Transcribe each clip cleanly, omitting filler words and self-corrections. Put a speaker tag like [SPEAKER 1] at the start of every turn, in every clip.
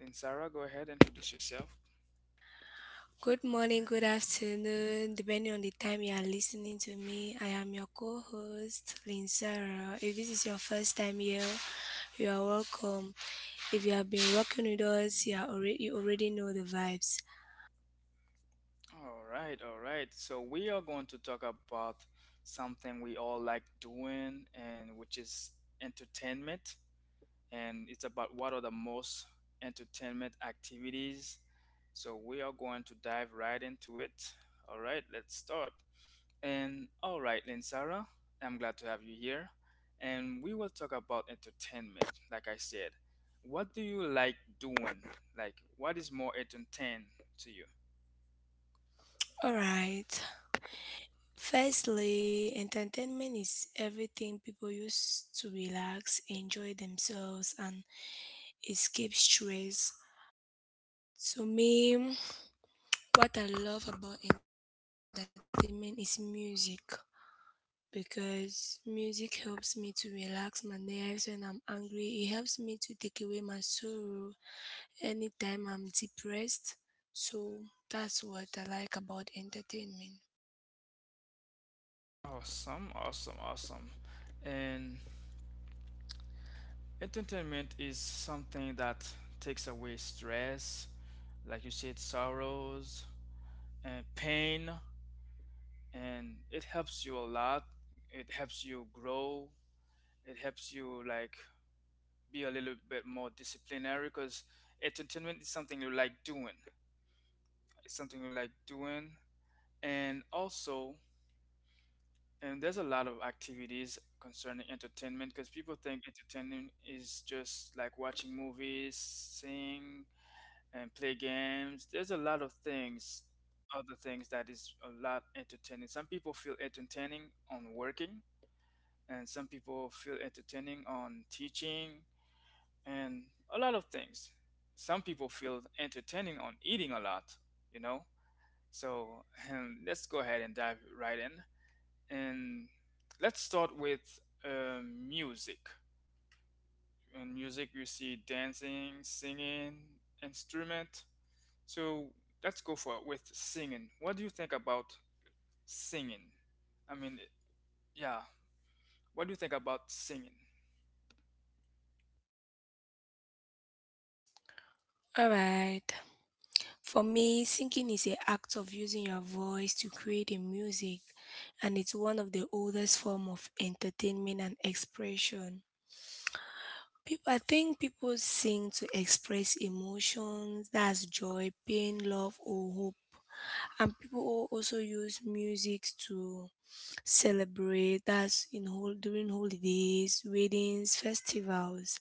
[SPEAKER 1] Linsara, go ahead, introduce yourself.
[SPEAKER 2] Good morning, good afternoon, depending on the time you are listening to me. I am your co host, Lynn Sarah. If this is your first time here, you are welcome. If you have been working with us, you already know the vibes.
[SPEAKER 1] All right, all right. So we are going to talk about something we all like doing, and which is entertainment. And it's about what are the most entertainment activities. So we are going to dive right into it. All right, let's start. And all right, Lynn Sarah, I'm glad to have you here. And we will talk about entertainment, like I said. What do you like doing? Like, what is more entertaining to you?
[SPEAKER 2] Alright, firstly, entertainment is everything people use to relax, enjoy themselves, and escape stress. To me, what I love about entertainment is music, because music helps me to relax my nerves when I'm angry. It helps me to take away my sorrow anytime I'm depressed. So, that's what I like about entertainment.
[SPEAKER 1] Awesome, awesome, awesome. And entertainment is something that takes away stress, like you said, sorrows, and pain, and it helps you a lot. It helps you grow. It helps you like be a little bit more disciplinary because entertainment is something you like doing, it's something you like doing. And also, and there's a lot of activities concerning entertainment, because people think entertainment is just like watching movies, sing and play games. There's a lot of things, other things that is a lot entertaining. Some people feel entertaining on working, and some people feel entertaining on teaching, and a lot of things. Some people feel entertaining on eating a lot, you know? So let's go ahead and dive right in. And let's start with music. In music, you see dancing, singing, instrument. So let's go for it with singing. What do you think about singing? I mean, yeah. What do you think about singing?
[SPEAKER 2] Alright. For me, singing is an act of using your voice to create a music, and it's one of the oldest form of entertainment and expression. I think people sing to express emotions, that's joy, pain, love, or hope. And people also use music to celebrate, that's in whole during holidays, weddings, festivals.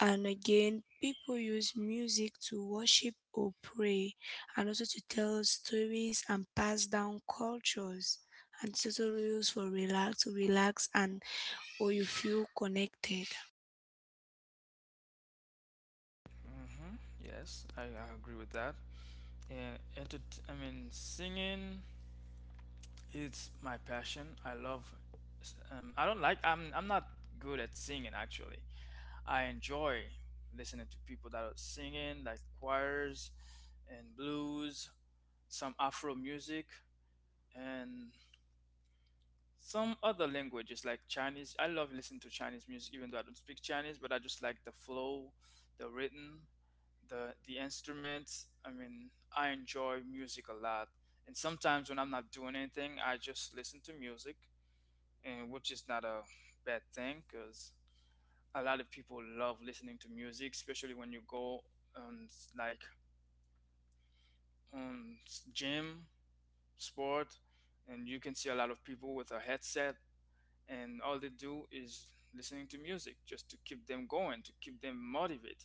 [SPEAKER 2] And again, people use music to worship or pray, and also to tell stories and pass down cultures. And it's also used for relax and or you feel connected.
[SPEAKER 1] Hmm. Yes, I agree with that. And I mean, singing is my passion. I love. I don't like. I'm not good at singing actually. I enjoy listening to people that are singing, like choirs and blues, some Afro music, and some other languages like Chinese. I love listening to Chinese music, even though I don't speak Chinese. But I just like the flow, the rhythm, the instruments. I mean, I enjoy music a lot, and sometimes when I'm not doing anything, I just listen to music, and which is not a bad thing because a lot of people love listening to music, especially when you go on, like, on gym, sport, and you can see a lot of people with a headset, and all they do is listening to music just to keep them going, to keep them motivated.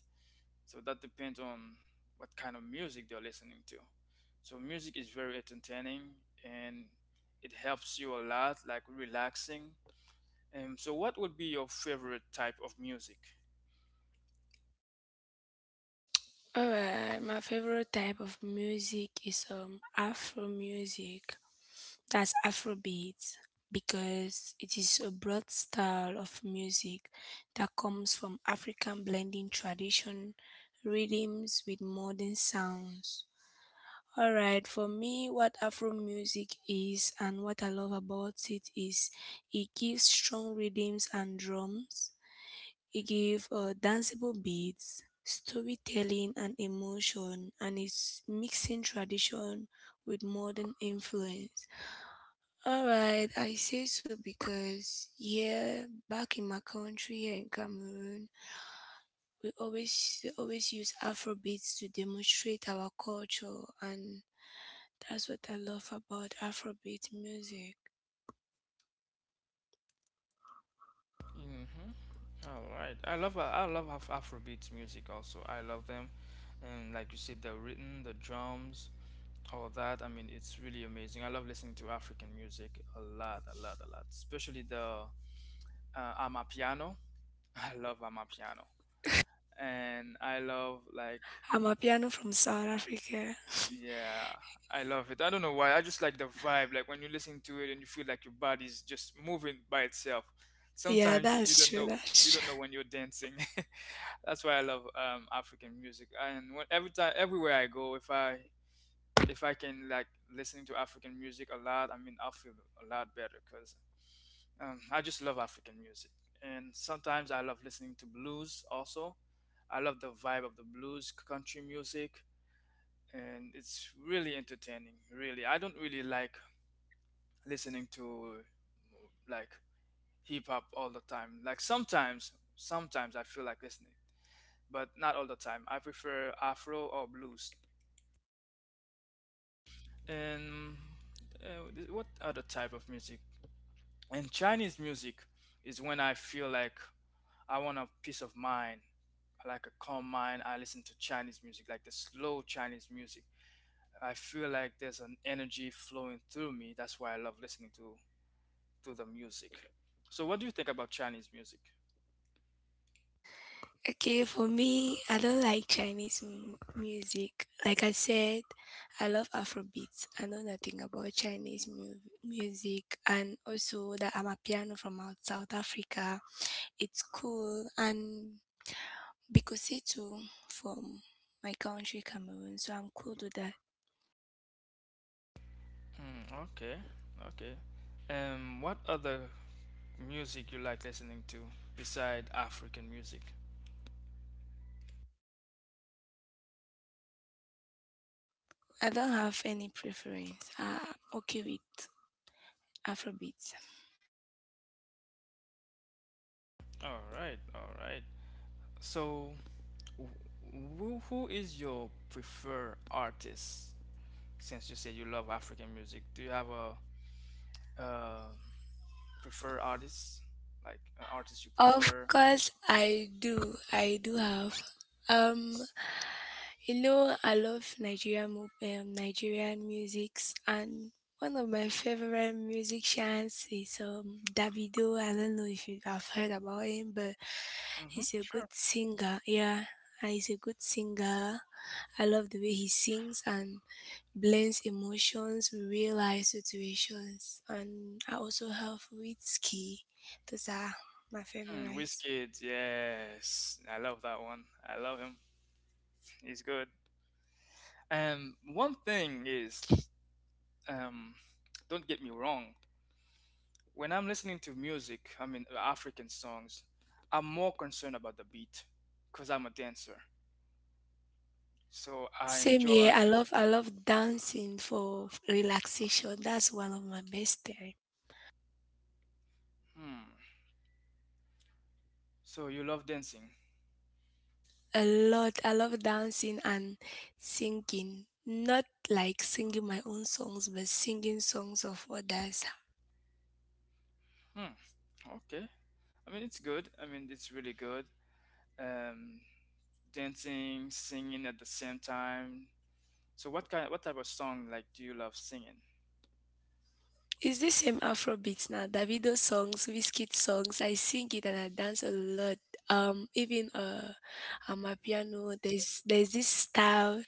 [SPEAKER 1] So that depends on what kind of music they're listening to. So music is very entertaining, and it helps you a lot, like relaxing. And so, what would be your favorite type of music?
[SPEAKER 2] All right, my favorite type of music is afro music. That's Afrobeat, because it is a broad style of music that comes from African blending tradition rhythms with modern sounds. All right, for me, what Afro music is and what I love about it is it gives strong rhythms and drums, it gives danceable beats, storytelling and emotion, and it's mixing tradition with modern influence. All right, I say so because here, back in my country, here in Cameroon, we always they always use Afrobeats to demonstrate our culture, and that's what I love about Afrobeat music.
[SPEAKER 1] Mm-hmm. All right. I love Afrobeat music also. I love them, and like you said, the rhythm, the drums, all that. I mean, it's really amazing. I love listening to African music a lot, a lot, a lot. Especially the Amapiano. I love Amapiano. And I love, like,
[SPEAKER 2] I'm a piano from South Africa.
[SPEAKER 1] yeah, I love it. I don't know why. I just like the vibe. Like when you listen to it and you feel like your body's just moving by itself.
[SPEAKER 2] Yeah,
[SPEAKER 1] Sometimes you
[SPEAKER 2] that's
[SPEAKER 1] don't know
[SPEAKER 2] true.
[SPEAKER 1] you
[SPEAKER 2] That's true.
[SPEAKER 1] don't know when you're dancing. That's why I love African music. And when, every time everywhere I go, if I can, like, listening to African music a lot, I mean, I'll feel a lot better because I just love African music. And sometimes I love listening to blues also. I love the vibe of the blues country music, and it's really entertaining. Really, I don't really like listening to, like, hip hop all the time. Like sometimes, sometimes I feel like listening, but not all the time. I prefer Afro or blues. And what other type of music, and Chinese music, is when I feel like I want a peace of mind, like a calm mind. I listen to Chinese music, like the slow Chinese music. I feel like there's an energy flowing through me. That's why I love listening to the music. So, what do you think about Chinese music?
[SPEAKER 2] Okay, for me, I don't like Chinese music. Like I said, I love Afrobeats. I know nothing about Chinese music, and also that I'm a piano from out South Africa. It's cool, and Bikositu from my country, Cameroon. So I'm cool with that.
[SPEAKER 1] Mm, okay, okay. What other music you like listening to beside African music?
[SPEAKER 2] I don't have any preference. I'm okay with Afrobeats.
[SPEAKER 1] All right, all right. So, who is your preferred artist? Since you said you love African music, do you have a, uh preferred artist? Like an artist you
[SPEAKER 2] Of
[SPEAKER 1] prefer?
[SPEAKER 2] course, I do. I do have. Um, Hello, I love Nigerian musics, and one of my favorite musicians is Davido. I don't know if you have heard about him, but
[SPEAKER 1] Mm-hmm,
[SPEAKER 2] he's a good
[SPEAKER 1] sure.
[SPEAKER 2] singer. Yeah, and he's a good singer. I love the way he sings and blends emotions with real life situations. And I also have Whiskey. Those are my
[SPEAKER 1] Mm,
[SPEAKER 2] favorites.
[SPEAKER 1] Wizkid, yes. I love that one. I love him. He's good. One thing is, um, don't get me wrong. When I'm listening to music, I mean African songs, I'm more concerned about the beat because I'm a dancer. So I
[SPEAKER 2] Same
[SPEAKER 1] enjoy.
[SPEAKER 2] here. I love dancing for relaxation. That's one of my best time.
[SPEAKER 1] Hmm. So you love dancing?
[SPEAKER 2] A lot. I love dancing and singing. Not like singing my own songs, but singing songs of others.
[SPEAKER 1] Hmm. Okay. I mean, it's good. I mean, it's really good. Um, dancing, singing at the same time. So what kind, what type of song, like, do you love singing?
[SPEAKER 2] It's the same Afro beats now. Davido songs, Wizkid songs. I sing it and I dance a lot. Even On my piano, there's this style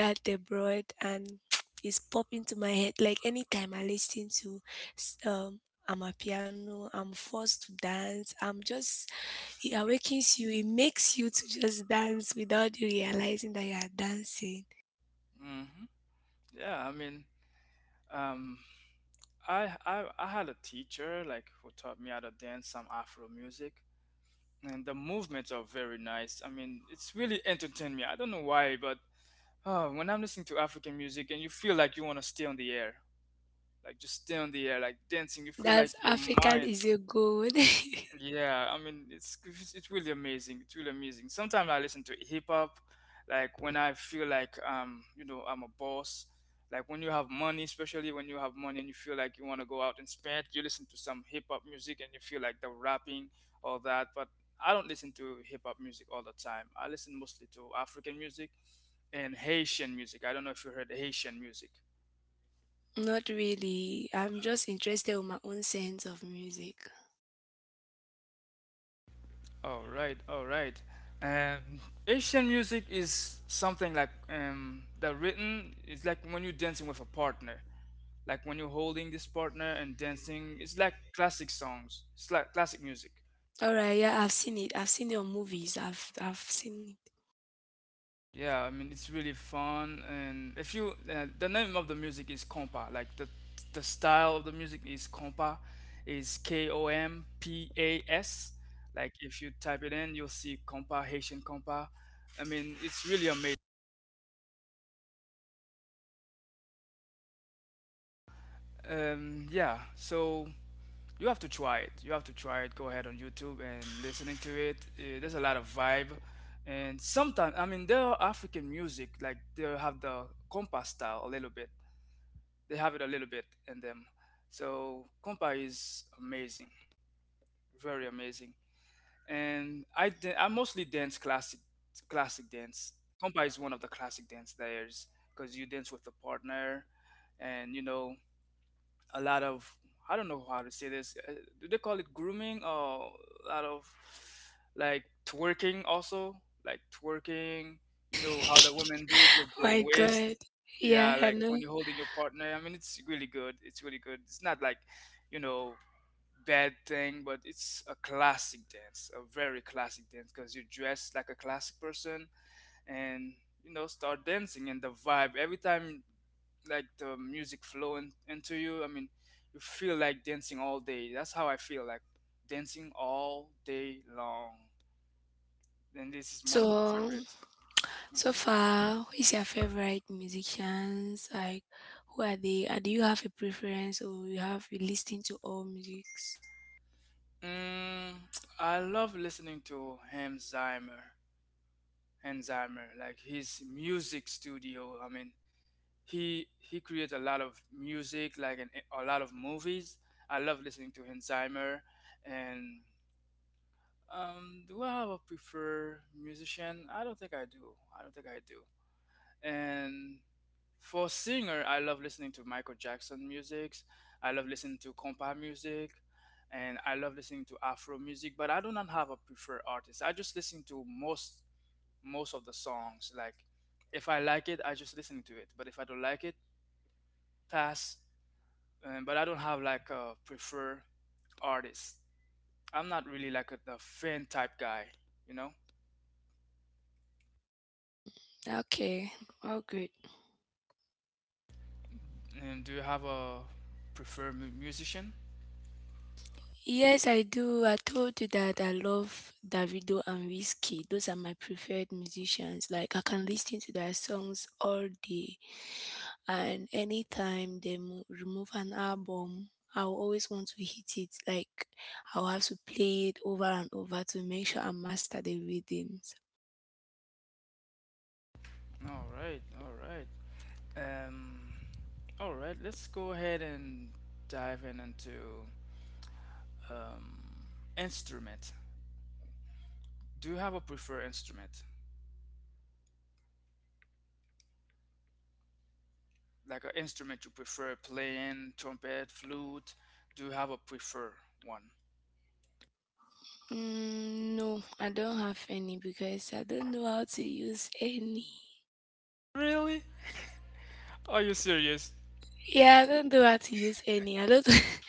[SPEAKER 2] that they brought, and it's popping to my head. Like anytime I listen to s- um, I'm a piano, I'm forced to dance. I'm just It awakens you. It makes you to just dance without you realizing that you are dancing.
[SPEAKER 1] Hmm. Yeah. I mean, um, I had a teacher, like, who taught me how to dance some Afro music, and the movements are very nice. I mean, it's really entertained me. I don't know why, but oh, when I'm listening to African music and you feel like you want to stay on the air, like just stay on the air, like dancing. You feel like
[SPEAKER 2] That's
[SPEAKER 1] your
[SPEAKER 2] African
[SPEAKER 1] mind.
[SPEAKER 2] is a good.
[SPEAKER 1] Yeah, I mean, it's really amazing. It's really amazing. Sometimes I listen to hip hop, like when I feel like I'm a boss. Like when you have money, especially when you have money and you feel like you want to go out and spend, you listen to some hip hop music and you feel like the rapping, all that. But I don't listen to hip hop music all the time. I listen mostly to African music and Haitian music. I don't know if you heard Haitian music.
[SPEAKER 2] Not really. I'm just interested in my own sense of music.
[SPEAKER 1] All right, all right. Um, Asian music is something like, the written is like when you're dancing with a partner, like when you're holding this partner and dancing. It's like classic songs. It's like classic music.
[SPEAKER 2] All right, yeah, I've seen it. I've seen your movies. I've seen
[SPEAKER 1] Yeah, I mean, it's really fun. And if you, the name of the music is compa. Like the style of the music is compa, is KOMPAS. Like if you type it in, you'll see compa, Haitian compa. I mean, it's really amazing. Yeah, so you have to try it. You have to try it. Go ahead on YouTube and listening to it. There's a lot of vibe, and sometimes, I mean, there are African music like they have the compa style a little bit. They have it a little bit in them. So compa is amazing, very amazing. And I mostly dance classic, dance. Compa is one of the classic dance layers because you dance with a partner, and, you know, a lot of, I don't know how to say this. Do they call it grooming or a lot of like twerking also? Like twerking, you know how
[SPEAKER 2] it.
[SPEAKER 1] the women do it with
[SPEAKER 2] Oh
[SPEAKER 1] their
[SPEAKER 2] My God.
[SPEAKER 1] waist. Yeah,
[SPEAKER 2] Yeah, I
[SPEAKER 1] like when
[SPEAKER 2] know.
[SPEAKER 1] you're holding your partner. I mean, it's really good. It's really good. It's not, like, you know, bad thing, but it's a classic dance, a very classic dance because you dress like a classic person and start dancing, and the vibe every time, like the music flowing into you, I mean, you feel like dancing all day. That's how I feel, like dancing all day long, and this is one of my
[SPEAKER 2] So
[SPEAKER 1] favorite.
[SPEAKER 2] so
[SPEAKER 1] Hmm.
[SPEAKER 2] far, who is your favorite musicians? Like who are they? Do you have a preference or you listening to all musics?
[SPEAKER 1] mm, I love listening to Hamzheimer. Like his music studio, I mean, he creates a lot of music, like an, a lot of movies. I love listening to Hamzheimer. And do I have a preferred musician? I don't think I do. I don't think I do. And for singer, I love listening to Michael Jackson music. I love listening to compa music, and I love listening to Afro music. But I do not have a preferred artist. I just listen to most of the songs. Like if I like it, I just listen to it. But if I don't like it, pass. But I don't have like a preferred artist. I'm not really like a fan type guy. You know.
[SPEAKER 2] Okay, all good.
[SPEAKER 1] And do you have a preferred musician?
[SPEAKER 2] Yes, I do. I told you that I love Davido and Whiskey. Those are my preferred musicians. Like I can listen to their songs all day, and anytime they remove an album, I'll always want to hit it. Like I'll have to play it over and over to make sure I master the rhythms.
[SPEAKER 1] All right, all right. Um, all right, let's go ahead and dive in into um, instrument. Do you have a preferred instrument? Like an instrument you prefer playing, trumpet, flute? Do you have a preferred one?
[SPEAKER 2] Mm, no, I don't have any because I don't know how to use any.
[SPEAKER 1] Really? Are you serious?
[SPEAKER 2] Yeah, I don't know how to use any. I don't.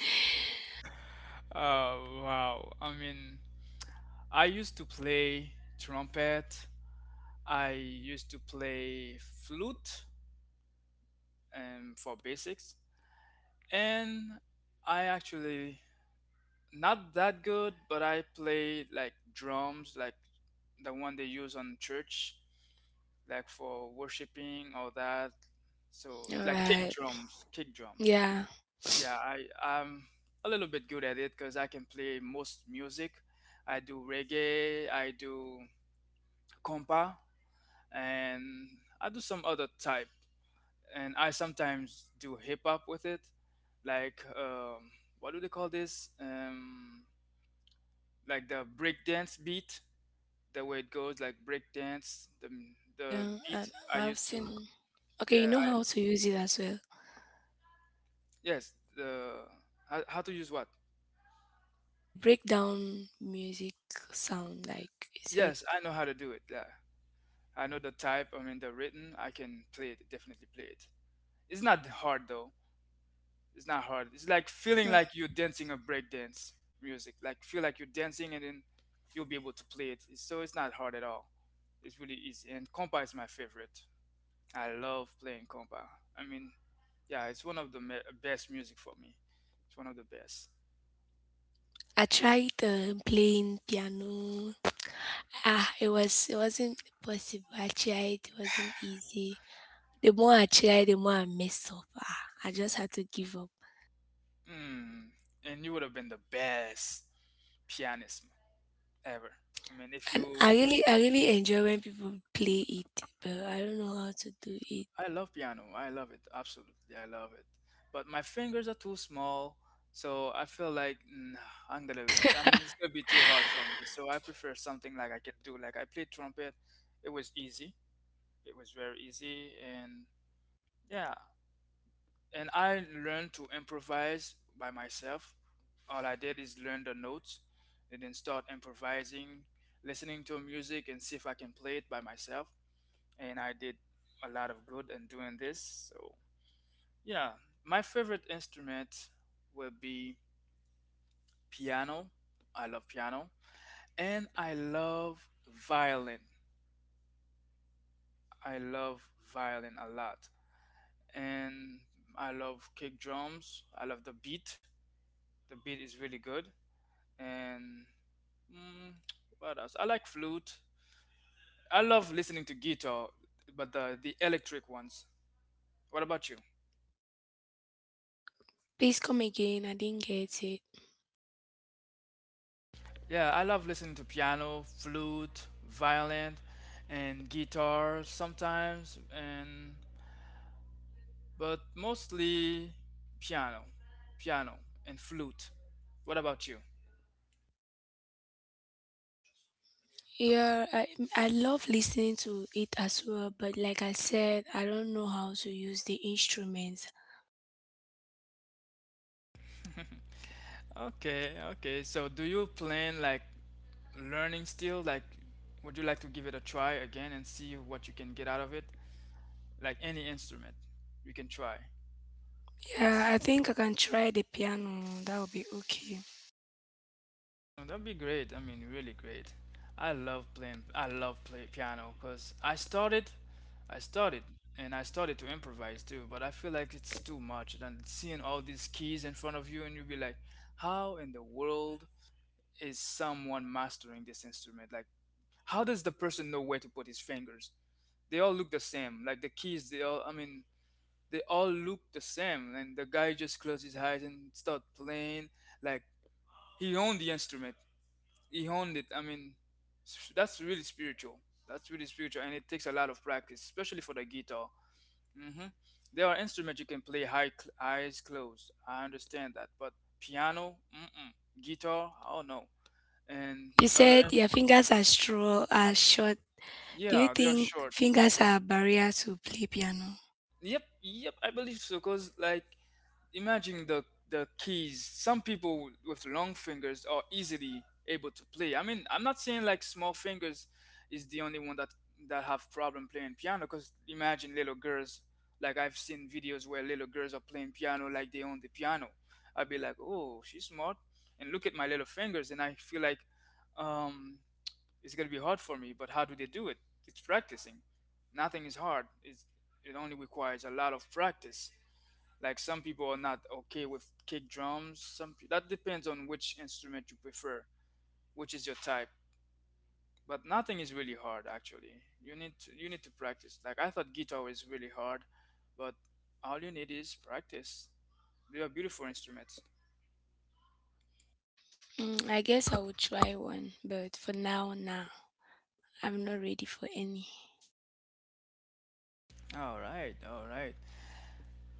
[SPEAKER 1] Oh wow. I mean, I used to play trumpet. I used to play flute for basics. And I actually not that good, but I play like drums, like the one they use on church, like for worshiping all that. So
[SPEAKER 2] All
[SPEAKER 1] like kick
[SPEAKER 2] right.
[SPEAKER 1] drums, kick drums.
[SPEAKER 2] Yeah.
[SPEAKER 1] Yeah, I'm a little bit good at it because I can play most music. I do reggae, I do compa, and I do some other type. And I sometimes do hip hop with it, like what do they call this? Like the breakdance beat, the way it goes, like breakdance, the
[SPEAKER 2] Yeah, and
[SPEAKER 1] beat I
[SPEAKER 2] I've
[SPEAKER 1] used
[SPEAKER 2] seen.
[SPEAKER 1] to.
[SPEAKER 2] Okay, you
[SPEAKER 1] Yeah,
[SPEAKER 2] know
[SPEAKER 1] I
[SPEAKER 2] how to use it as well.
[SPEAKER 1] yes, the how to use what?
[SPEAKER 2] They break down music sound, like you said.
[SPEAKER 1] Yes, I know how to do it. Yeah, I know the type. I mean the written. I can play it. Definitely play it. It's not hard though. It's not hard. It's like feeling
[SPEAKER 2] Mhm.
[SPEAKER 1] like you're dancing a breakdance music. Like feel like you're dancing and then you'll be able to play it. So it's not hard at all. It's really easy. And compa is my favorite. I love playing compa. I mean, yeah, it's one of the best music for me. It's one of the best.
[SPEAKER 2] I tried playing piano. Ah, it was it wasn't possible. I tried. It wasn't easy. The more I tried, the more I messed up. Ah, I just had to give up.
[SPEAKER 1] Mm. And you would have been the best pianist ever. I mean, if
[SPEAKER 2] And
[SPEAKER 1] you.
[SPEAKER 2] I really enjoy when people play it, but I don't know how to do it.
[SPEAKER 1] I love piano. I love it. Absolutely. I love it. But my fingers are too small. So I feel like I'm gonna, I mean, it's gonna be too hard for me. So I prefer something like I can do. Like I played trumpet. It was easy. It was very easy. And yeah. And I learned to improvise by myself. All I did is learn the notes and then start improvising, listening to music and see if I can play it by myself. And I did a lot of good in doing this. So yeah, my favorite instrument will be piano. I love piano. And I love violin. I love violin a lot. And I love kick drums. I love the beat. The beat is really good. And mm, what else? I like flute. I love listening to guitar, but the electric ones. What about you?
[SPEAKER 2] Please come again. I didn't get it.
[SPEAKER 1] Yeah, I love listening to piano, flute, violin, and guitar sometimes, and but mostly piano, piano and flute. What about you?
[SPEAKER 2] Yeah, I love listening to it as well, but like I said, I don't know how to use the instruments.
[SPEAKER 1] Okay, okay. So do you plan like learning still? Like, would you like to give it a try again and see what you can get out of it? Like any instrument, you can try.
[SPEAKER 2] Yeah, I think I can try the piano. That would be okay.
[SPEAKER 1] Oh, that'd be great. I mean, really great. I love playing. I love play piano because I started, and I started to improvise too. But I feel like it's too much. And seeing all these keys in front of you, and you'll be like, "How in the world is someone mastering this instrument? Like, how does the person know where to put his fingers? They all look the same. Like the keys, they all. I mean, they all look the same. And the guy just closed his eyes and start playing. Like he owned the instrument, he owned it. I mean, that's really spiritual. That's really spiritual, and it takes a lot of practice, especially for the guitar. hmm There are instruments you can play high, eyes closed. I understand that, but piano, mm-mm. Guitar, oh no, and
[SPEAKER 2] You
[SPEAKER 1] other,
[SPEAKER 2] said your fingers are short. Do you
[SPEAKER 1] yeah, they are
[SPEAKER 2] think
[SPEAKER 1] short.
[SPEAKER 2] fingers are a barrier to play piano?
[SPEAKER 1] Yep, yep, I believe so. Cause like imagine the keys. Some people with long fingers are easily able to play. I mean, I'm not saying like small fingers is the only one that have problem playing piano. Cause imagine little girls. Like I've seen videos where little girls are playing piano like they own the piano. I'd be like, oh, she's smart, and look at my little fingers, and I feel like um, it's gonna be hard for me. But how do they do it? It's practicing. Nothing is hard. It only requires a lot of practice. Like some people are not okay with kick drums. That depends on which instrument you prefer, which is your type. But nothing is really hard actually. You need to practice. Like I thought guitar was really hard, but all you need is practice. They are beautiful instruments.
[SPEAKER 2] Mm, I guess I will try one, but for now, nah, I'm not ready for any.
[SPEAKER 1] All right, all right.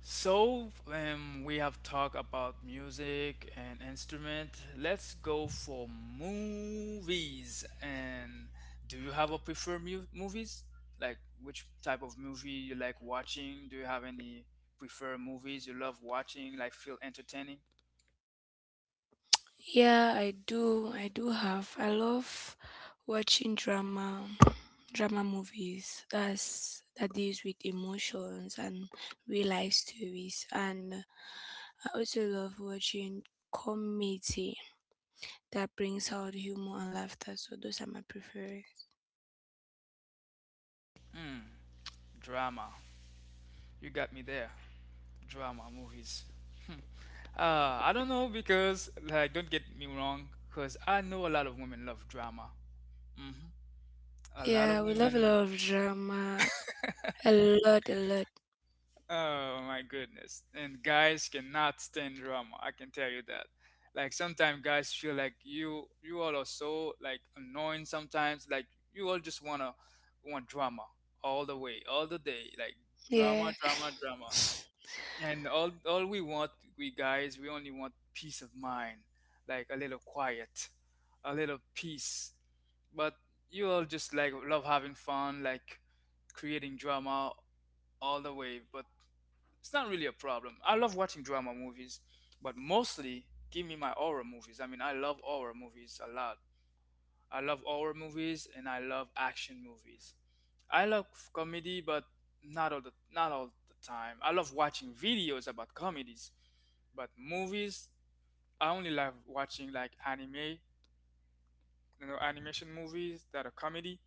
[SPEAKER 1] So, we have talked about music and instrument. Let's go for movies. And do you have a preferred movies? Like which type of movie you like watching? Do you have any preferred movies you love watching? Like feel entertaining?
[SPEAKER 2] Yeah, I do. I do have. I love watching drama movies. That's that deals with emotions and real life stories. And I also love watching comedy that brings out humor and laughter. So those are my preference.
[SPEAKER 1] Hmm, drama. You got me there. Drama movies. Hmm. I don't know because like don't get me wrong, because I know a lot of women love drama. A lot of
[SPEAKER 2] Yeah, we love a
[SPEAKER 1] women.
[SPEAKER 2] lot of drama. A lot, a lot.
[SPEAKER 1] Oh my goodness. And guys cannot stand drama. I can tell you that. Like sometimes guys feel like you all are so like annoying sometimes. Like you all just wanna want drama all the way, all the day. Like drama,
[SPEAKER 2] Yeah.
[SPEAKER 1] drama, drama. And all we want, we guys, we only want peace of mind. Like a little quiet, a little peace. But you all just like love having fun, like creating drama all the way. But it's not really a problem. I love watching drama movies, but mostly give me my horror movies. I mean, I love horror movies a lot. I love horror movies and I love action movies. I love comedy, but not all the time. I love watching videos about comedies, but movies I only love watching like anime, animation movies that are comedy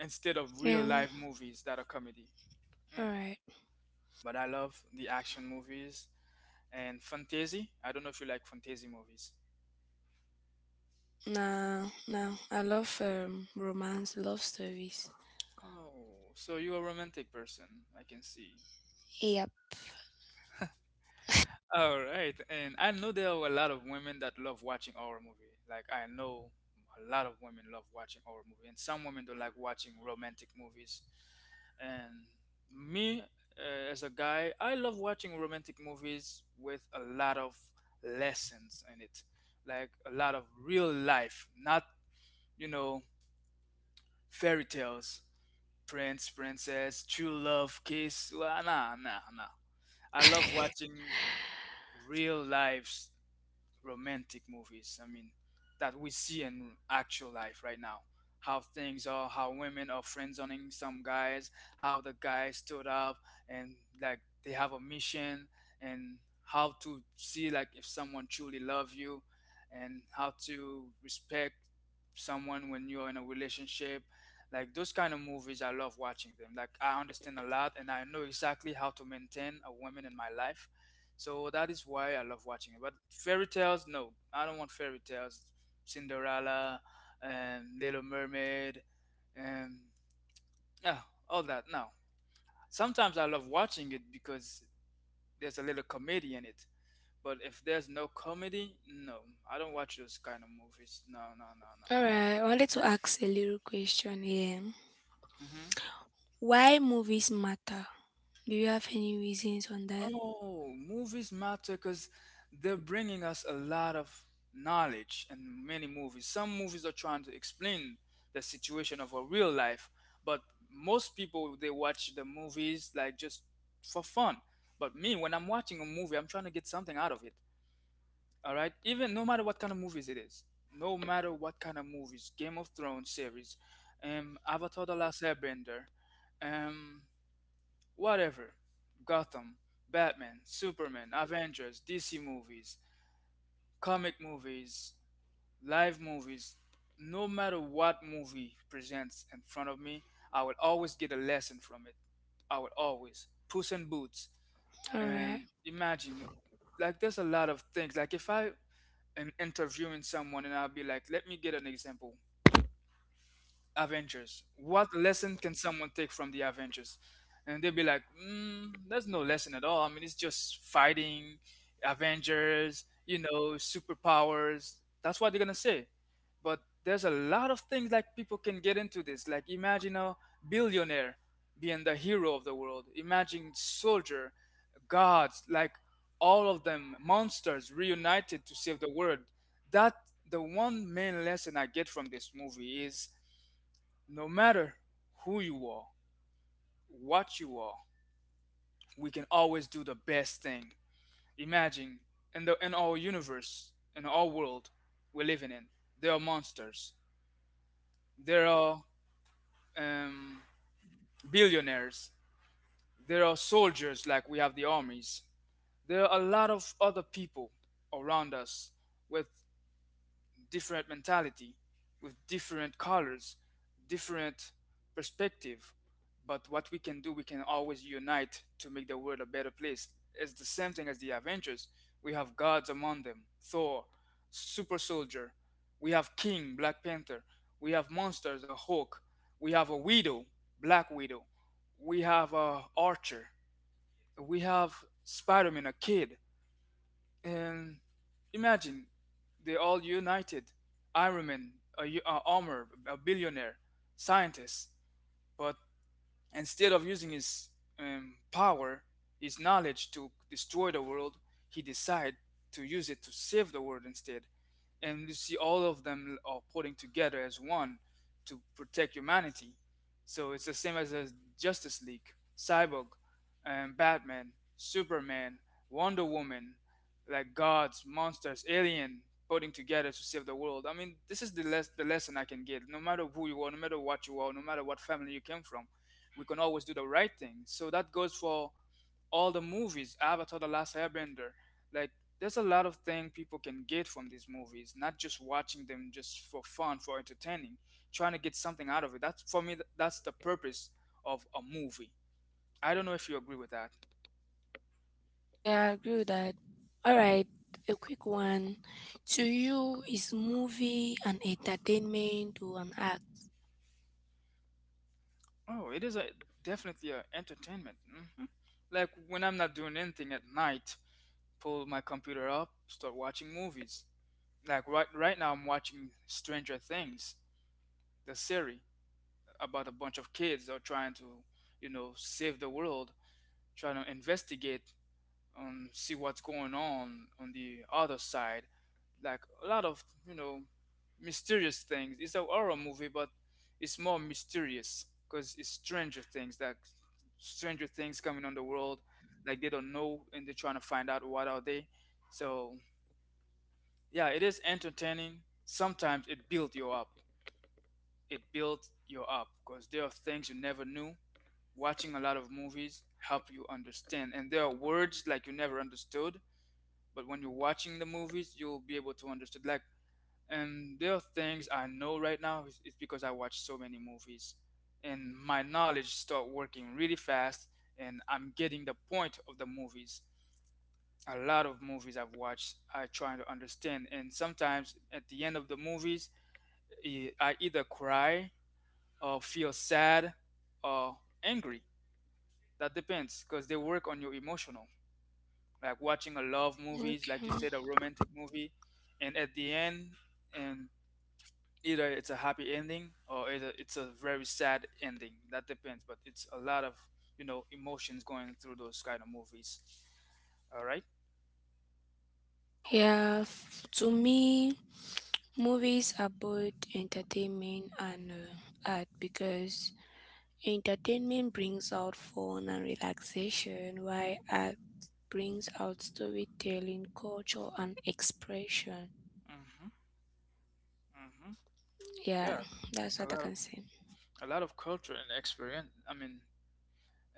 [SPEAKER 1] instead of real
[SPEAKER 2] Yeah.
[SPEAKER 1] life movies that are comedy.
[SPEAKER 2] All
[SPEAKER 1] Mm.
[SPEAKER 2] right.
[SPEAKER 1] But I love the action movies and fantasy. I don't know if you like fantasy movies.
[SPEAKER 2] Now I love romance, love stories.
[SPEAKER 1] Oh, so you're a romantic person, I can see.
[SPEAKER 2] Yep.
[SPEAKER 1] All right, and I know there are a lot of women that love watching horror movie. Like I know a lot of women love watching horror movie, and some women don't like watching romantic movies. And me, as a guy, I love watching romantic movies with a lot of lessons in it, like a lot of real life, not you know fairy tales. Prince, Princess, True Love, Kiss. Well, nah, nah, nah. I love watching real lives romantic movies. I mean, that we see in actual life right now. How things are, how women are friend zoning some guys, how the guys stood up and like they have a mission, and how to see like if someone truly love you, and how to respect someone when you're in a relationship. Like those kind of movies, I love watching them. Like I understand a lot, and I know exactly how to maintain a woman in my life, so that is why I love watching it. But fairy tales, no, I don't want fairy tales. Cinderella and Little Mermaid and yeah, all that. No, sometimes I love watching it because there's a little comedy in it. But if there's no comedy, no, I don't watch those kind of movies. No, no, no, no.
[SPEAKER 2] All right, I wanted to ask a little question here.
[SPEAKER 1] Mm-hmm.
[SPEAKER 2] Why movies matter? Do you have any reasons on that?
[SPEAKER 1] Oh, movies matter because they're bringing us a lot of knowledge, and many movies, some movies are trying to explain the situation of a real life, but most people they watch the movies like just for fun. But me, when I'm watching a movie, I'm trying to get something out of it. All right, even no matter what kind of movies it is, no matter what kind of movies, Game of Thrones series, Avatar: The Last Airbender, um, whatever. Gotham, Batman, Superman, Avengers, DC movies, comic movies, live movies, no matter what movie presents in front of me, I will always get a lesson from it. I will always. Puss in Boots.
[SPEAKER 2] All right.
[SPEAKER 1] And imagine, like, there's a lot of things. Like, if I am interviewing someone and I'll be like, let me get an example. Avengers. What lesson can someone take from the Avengers? And they'll be like, there's no lesson at all. I mean, it's just fighting, Avengers, superpowers. That's what they're gonna say. But there's a lot of things like people can get into this. Like imagine a billionaire being the hero of the world. Imagine soldier, gods, like all of them, monsters reunited to save the world. That the one main lesson I get from this movie is no matter who you are, what you are, we can always do the best thing. Imagine in our universe, in our world we're living in, there are monsters. There are um, billionaires. There are soldiers, like we have the armies. There are a lot of other people around us with different mentality, with different colors, different perspective. But what we can do, we can always unite to make the world a better place. It's the same thing as the Avengers. We have gods among them Thor, Super Soldier. We have King, Black Panther. We have monsters, a Hulk. We have a Widow, Black Widow. We have a Archer. We have Spider Man, a kid. And imagine they all united. Iron Man, a armor, a billionaire, scientists. But instead of using his power, his knowledge to destroy the world, he decided to use it to save the world instead. And you see, all of them are putting together as one to protect humanity. So it's the same as the Justice League, Cyborg, Batman, Superman, Wonder Woman, like gods, monsters, alien, putting together to save the world. I mean, this is the lesson I can get. No matter who you are, no matter what you are, no matter what family you came from, we can always do the right thing. So that goes for all the movies, Avatar, The Last Airbender. Like, there's a lot of things people can get from these movies, not just watching them just for fun, for entertaining, trying to get something out of it. That's for me. That's the purpose of a movie. I don't know if you agree with that.
[SPEAKER 2] Yeah, I agree with that. All right, a quick one. To you, is movie an entertainment or an act?
[SPEAKER 1] Oh, it is a definitely a entertainment. Hmm. Like when I'm not doing anything at night, pull my computer up, start watching movies. Like right now, I'm watching Stranger Things, the series. About a bunch of kids that are trying to, save the world, trying to investigate and see what's going on the other side. Like a lot of, mysterious things. It's a horror movie, but it's more mysterious because it's stranger things, like stranger things coming on the world, like they don't know and they're trying to find out what are they. So yeah, it is entertaining. Sometimes it builds you up. It builds you up because there are things you never knew. Watching a lot of movies help you understand, and there are words like you never understood, but when you're watching the movies you'll be able to understand. Like, and there are things I know right now is it's because I watch so many movies, and my knowledge start working really fast, and I'm getting the point of the movies. A lot of movies I've watched I try to understand, and sometimes at the end of the movies, I either cry, or feel sad, or angry. That depends, because they work on your emotional, like watching a love movies, like you
[SPEAKER 2] Okay.
[SPEAKER 1] said, a romantic movie, and at the end, and either it's a happy ending or either it's a very sad ending. That depends, but it's a lot of emotions going through those kind of movies. All right.
[SPEAKER 2] To me, movies are both entertainment and art, because entertainment brings out fun and relaxation, while art brings out storytelling, culture, and expression.
[SPEAKER 1] Mm-hmm. Mm-hmm.
[SPEAKER 2] Yeah,
[SPEAKER 1] Yeah,
[SPEAKER 2] that's
[SPEAKER 1] a
[SPEAKER 2] what I
[SPEAKER 1] lot of
[SPEAKER 2] can say.
[SPEAKER 1] a lot of culture and experience. I mean,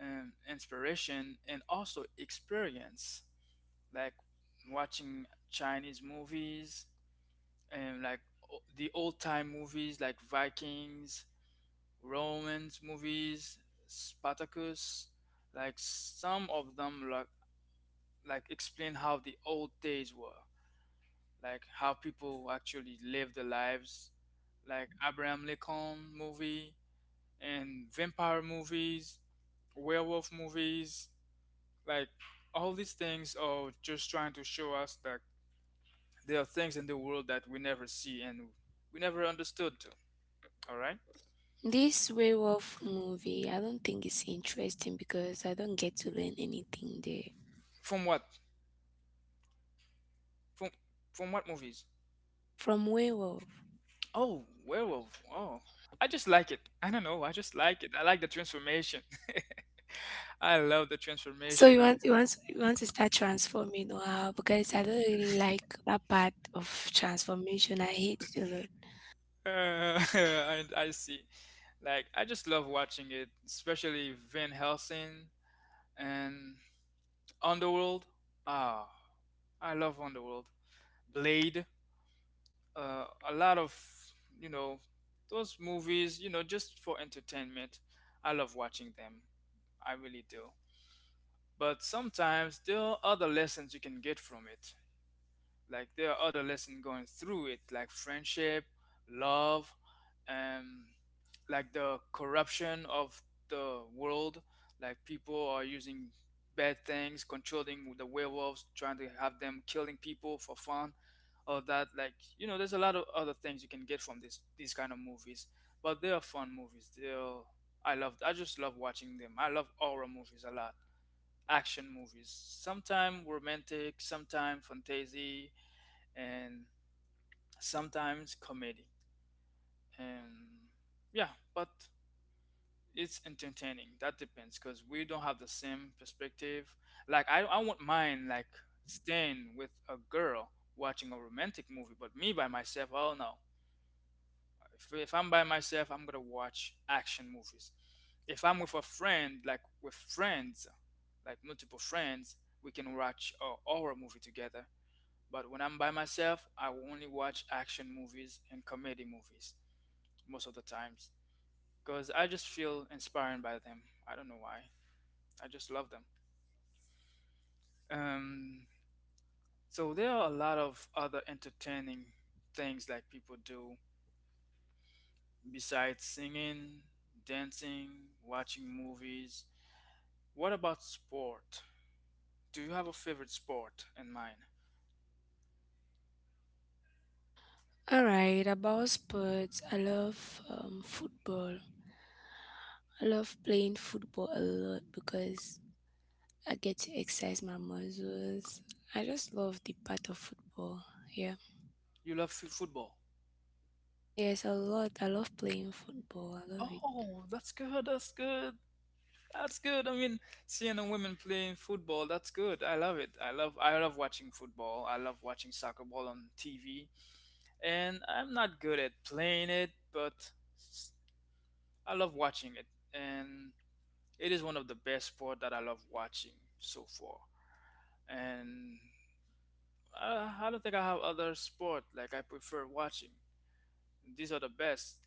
[SPEAKER 1] inspiration and also experience, like watching Chinese movies, and like the old time movies like Vikings, Romans movies, Spartacus, like some of them like explain how the old days were, like how people actually lived their lives, like Abraham Lincoln movie and vampire movies, werewolf movies, like all these things are just trying to show us that there are things in the world that we never see and we never understood. All right.
[SPEAKER 2] This way of movie, I don't think it's interesting because I don't get to learn anything there
[SPEAKER 1] From what? From from what movies?
[SPEAKER 2] from way of.
[SPEAKER 1] Oh, werewolf. Oh, I just like it. I don't know. I just like it. I like the transformation. I love the
[SPEAKER 2] So
[SPEAKER 1] transformation. I
[SPEAKER 2] you want to start transforming or how? Because I don't really like that part of transformation. I hate it a lot.
[SPEAKER 1] Uh, and I see. Like I just love watching it, especially Van Helsing and Underworld. Ah, I love Underworld. Blade. A lot of you know those movies. You know, just for entertainment. I love watching them. I really do. But sometimes there are other lessons you can get from it, like there are other lessons going through it, like friendship, love, um like the corruption of the world, like people are using bad things, controlling the werewolves, trying to have them killing people for fun, all that, like, there's a lot of other things you can get from this these kind of movies. But they are fun movies. They're, I love, I just love watching them. I love horror movies a lot, action movies. Sometimes romantic, sometimes fantasy, and sometimes comedy. And yeah, but it's entertaining. That depends because we don't have the same perspective. Like I won't mind like staying with a girl watching a romantic movie, but me by myself, oh no. If I'm by myself, I'm gonna watch action movies. If I'm with a friend, like with friends, like multiple friends, we can watch a horror movie together. But when I'm by myself, I will only watch action movies and comedy movies most of the times, because I just feel inspired by them. I don't know why. I just love them. Um, so there are a lot of other entertaining things like people do, besides singing, dancing, watching movies. What about sport? Do you have a favorite sport in mind?
[SPEAKER 2] All right, about sports, I love football. I love playing football a lot because I get to exercise my muscles. I just love the part of football. Yeah.
[SPEAKER 1] You love football.
[SPEAKER 2] Yes, a lot. I love playing football. I love it.
[SPEAKER 1] Oh, that's good. That's good. That's good. I mean, seeing a women playing football, that's good. I love it. I love watching football. I love watching soccer ball on TV. And I'm not good at playing it, but s- I love watching it. And it is one of the best sport that I love watching so far. And I don't think I have other sport like I prefer watching. These are the best.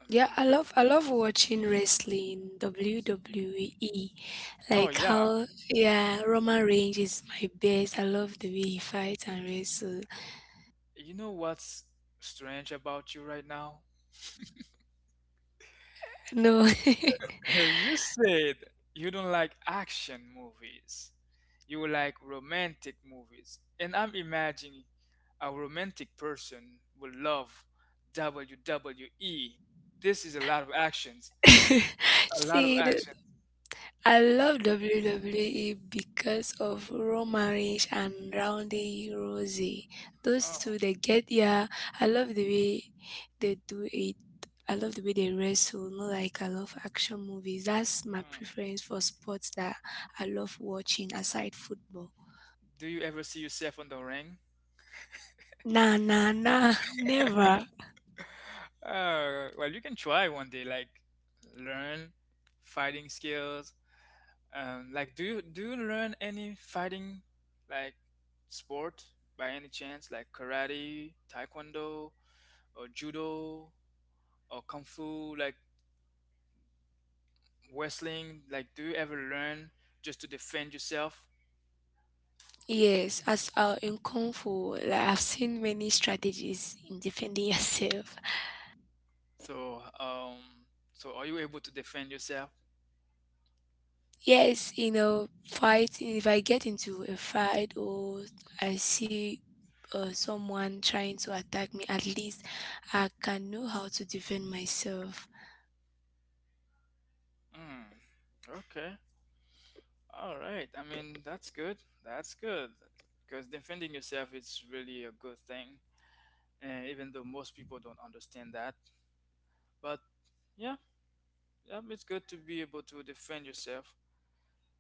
[SPEAKER 1] I mean,
[SPEAKER 2] Yeah,
[SPEAKER 1] the best of the
[SPEAKER 2] I
[SPEAKER 1] best.
[SPEAKER 2] love watching wrestling, WWE.
[SPEAKER 1] Oh
[SPEAKER 2] Like
[SPEAKER 1] yeah.
[SPEAKER 2] how yeah, Roman Reigns is my best. I love the way he fights and wrestles.
[SPEAKER 1] You know what's strange about you right now?
[SPEAKER 2] No.
[SPEAKER 1] You said you don't like action movies. You like romantic movies. And I'm imagining a romantic person will love WWE. This is a lot of actions. A lot of
[SPEAKER 2] See,
[SPEAKER 1] actions.
[SPEAKER 2] I love WWE because of Roman Reigns and Ronda Rousey. Those two,
[SPEAKER 1] Oh.
[SPEAKER 2] they get yeah. I love the way they do it. I love the way they wrestle. Not like I love action movies. That's my
[SPEAKER 1] Mm.
[SPEAKER 2] preference for sports that I love watching aside football.
[SPEAKER 1] Do you ever see yourself on the ring?
[SPEAKER 2] Nah, nah, nah, never.
[SPEAKER 1] Well, you can try one day, like learn fighting skills. Like, do you learn any fighting like sport by any chance, like karate, taekwondo, or judo, or kung fu, like wrestling? Like, do you ever learn just to defend yourself?
[SPEAKER 2] Yes, as in kung fu, like, I've seen many strategies in defending yourself.
[SPEAKER 1] So, so are you able to defend yourself?
[SPEAKER 2] Yes, you know, fighting. If I get into a fight or I see someone trying to attack me, at least I can know how to defend myself.
[SPEAKER 1] Mm, okay, all right. I mean, that's good. That's good, because defending yourself is really a good thing, and even though most people don't understand that, but yeah. It's good to be able to defend yourself.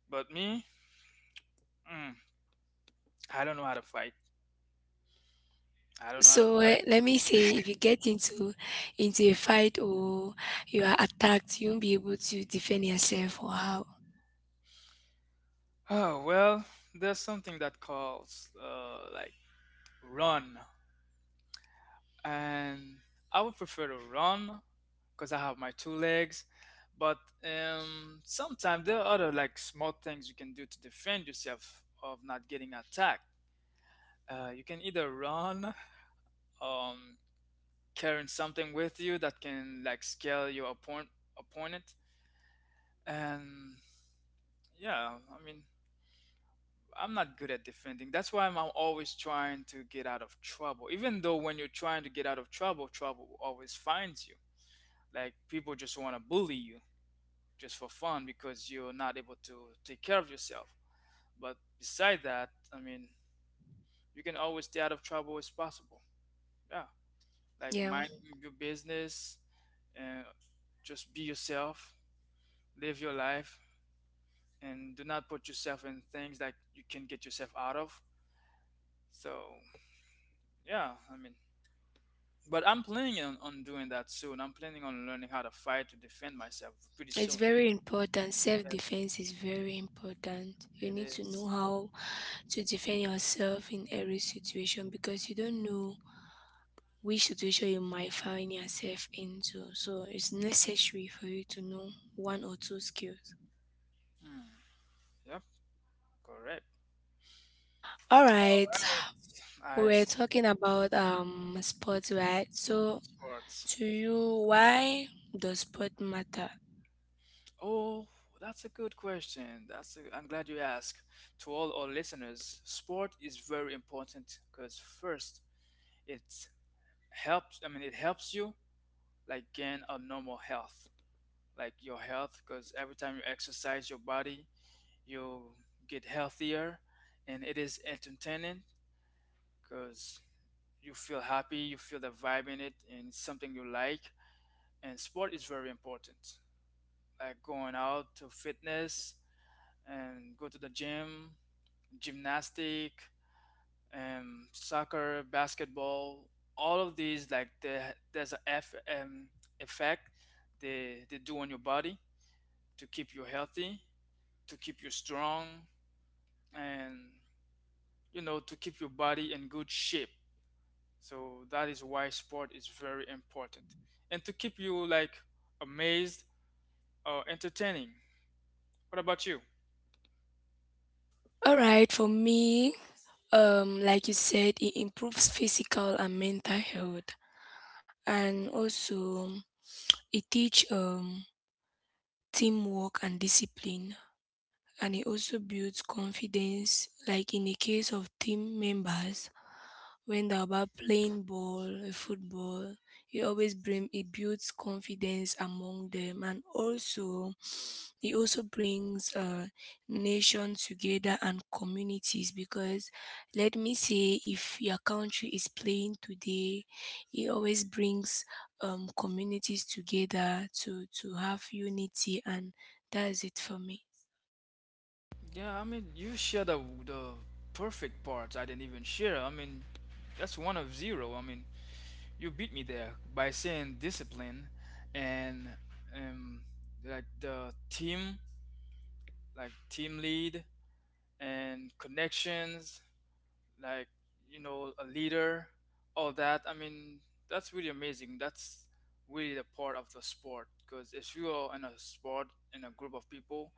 [SPEAKER 1] But me, mm, I don't know how to fight. I don't know how to
[SPEAKER 2] So
[SPEAKER 1] fight.
[SPEAKER 2] let me say, if you get into a fight or you are attacked, you won't be able to defend yourself or how.
[SPEAKER 1] Oh well, there's something that calls like run, and I would prefer to run because I have my two legs. But sometimes there are other like small things you can do to defend yourself of not getting attacked. You can either run, um, carrying something with you that can like scale your opponent, and yeah, I mean, I'm not good at defending. That's why I'm always trying to get out of trouble. Even though when you're trying to get out of trouble, trouble always finds you, like people just want to bully you just for fun, because you're not able to take care of yourself. But beside that, I mean, you can always stay out of trouble as possible. Yeah, like
[SPEAKER 2] Yeah,
[SPEAKER 1] minding your business, and just be yourself, live your life, and do not put yourself in things that you can get yourself out of. So yeah, I mean, but I'm planning on, doing that soon. I'm planning on learning how to fight to defend myself pretty
[SPEAKER 2] it's
[SPEAKER 1] soon.
[SPEAKER 2] very important. Self
[SPEAKER 1] Yes,
[SPEAKER 2] defense is very important. You
[SPEAKER 1] it
[SPEAKER 2] need to know
[SPEAKER 1] is.
[SPEAKER 2] how to defend yourself in every situation because you don't know which situation you might find yourself into. So it's necessary for you to know one or two skills.
[SPEAKER 1] Hmm. Yep, correct.
[SPEAKER 2] All
[SPEAKER 1] All
[SPEAKER 2] right,
[SPEAKER 1] right,
[SPEAKER 2] we were
[SPEAKER 1] ice
[SPEAKER 2] talking about sports, right? So
[SPEAKER 1] sports.
[SPEAKER 2] to you, why does sport matter?
[SPEAKER 1] Oh, that's a good question. That's a, I'm glad you asked. To all our listeners, sport is very important because first, it helps. I mean, it helps you like gain a normal health, like your health, because every time you exercise your body, you get healthier. And it is entertaining because you feel happy, you feel the vibe in it, and it's something you like. And sport is very important, like going out to fitness, and go to the gym, gymnastic, soccer, basketball, all of these, like there's a effect they do on your body, to keep you healthy, to keep you strong, and you know, to keep your body in good shape. So that is why sport is very important. And to keep you like amazed or entertaining. What about you?
[SPEAKER 2] All right, for me, like you said, it improves physical and mental health, and also it teach teamwork and discipline, and it also builds confidence, like in the case of team members. When they're about playing ball, football, it always bring it builds confidence among them, and also it also brings nation together and communities. Because let me say, if your country is playing today, it always brings communities together to have unity, and that's it for me.
[SPEAKER 1] Yeah, I mean, you share the perfect parts I didn't even share. I mean, that's one of zero. I mean, you beat me there by saying discipline, and um like the team, like team lead and connections, like, you know, a leader, all that, I mean, that's really amazing. That's really the part of the sport, because if you are in a sport in a group of people,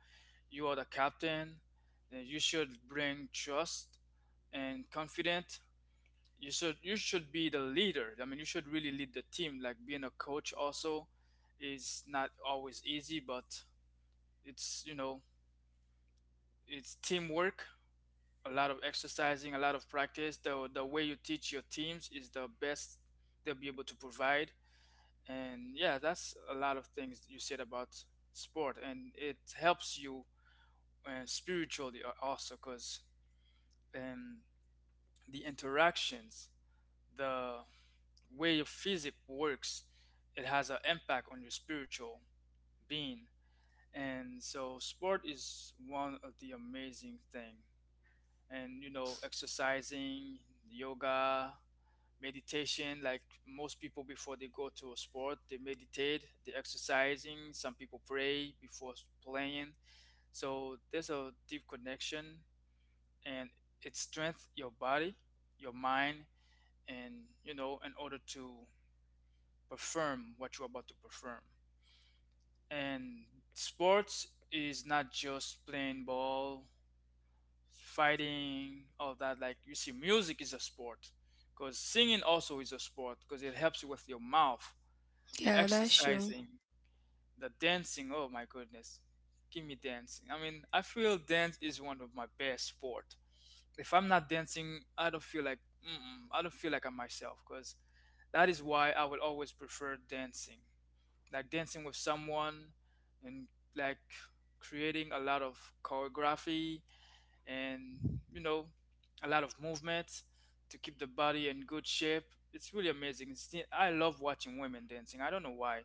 [SPEAKER 1] you are the captain, then you should bring trust and confidence. You should be the leader. I mean, you should really lead the team. Like being a coach also is not always easy, but it's, you know, it's teamwork, a lot of exercising, a lot of practice. The way you teach your teams is the best they'll be able to provide. And yeah, that's a lot of things you said about sport, and it helps you spiritually also, because um, the interactions, the way your physic works, it has an impact on your spiritual being. And so, sport is one of the amazing thing. Exercising, yoga, meditation, like most people before they go to a sport they meditate, they're exercising. Some people pray before playing, so there's a deep connection, and it strengthens your body, your mind, and in order to perform what you're about to perform. And sports is not just playing ball, fighting all that. Like you see, music is a sport because singing also is a sport because it helps you with your mouth, the
[SPEAKER 2] Yeah, that's true.
[SPEAKER 1] exercising, the dancing. Oh my goodness, give me dancing. I mean, I feel dance is one of my best sport. If I'm not dancing, I don't feel like, mm-mm, I don't feel like I'm myself. Cause that is why I will always prefer dancing, like dancing with someone, and like creating a lot of choreography and a lot of movement to keep the body in good shape. It's really amazing. It's, I love watching women dancing. I don't know why,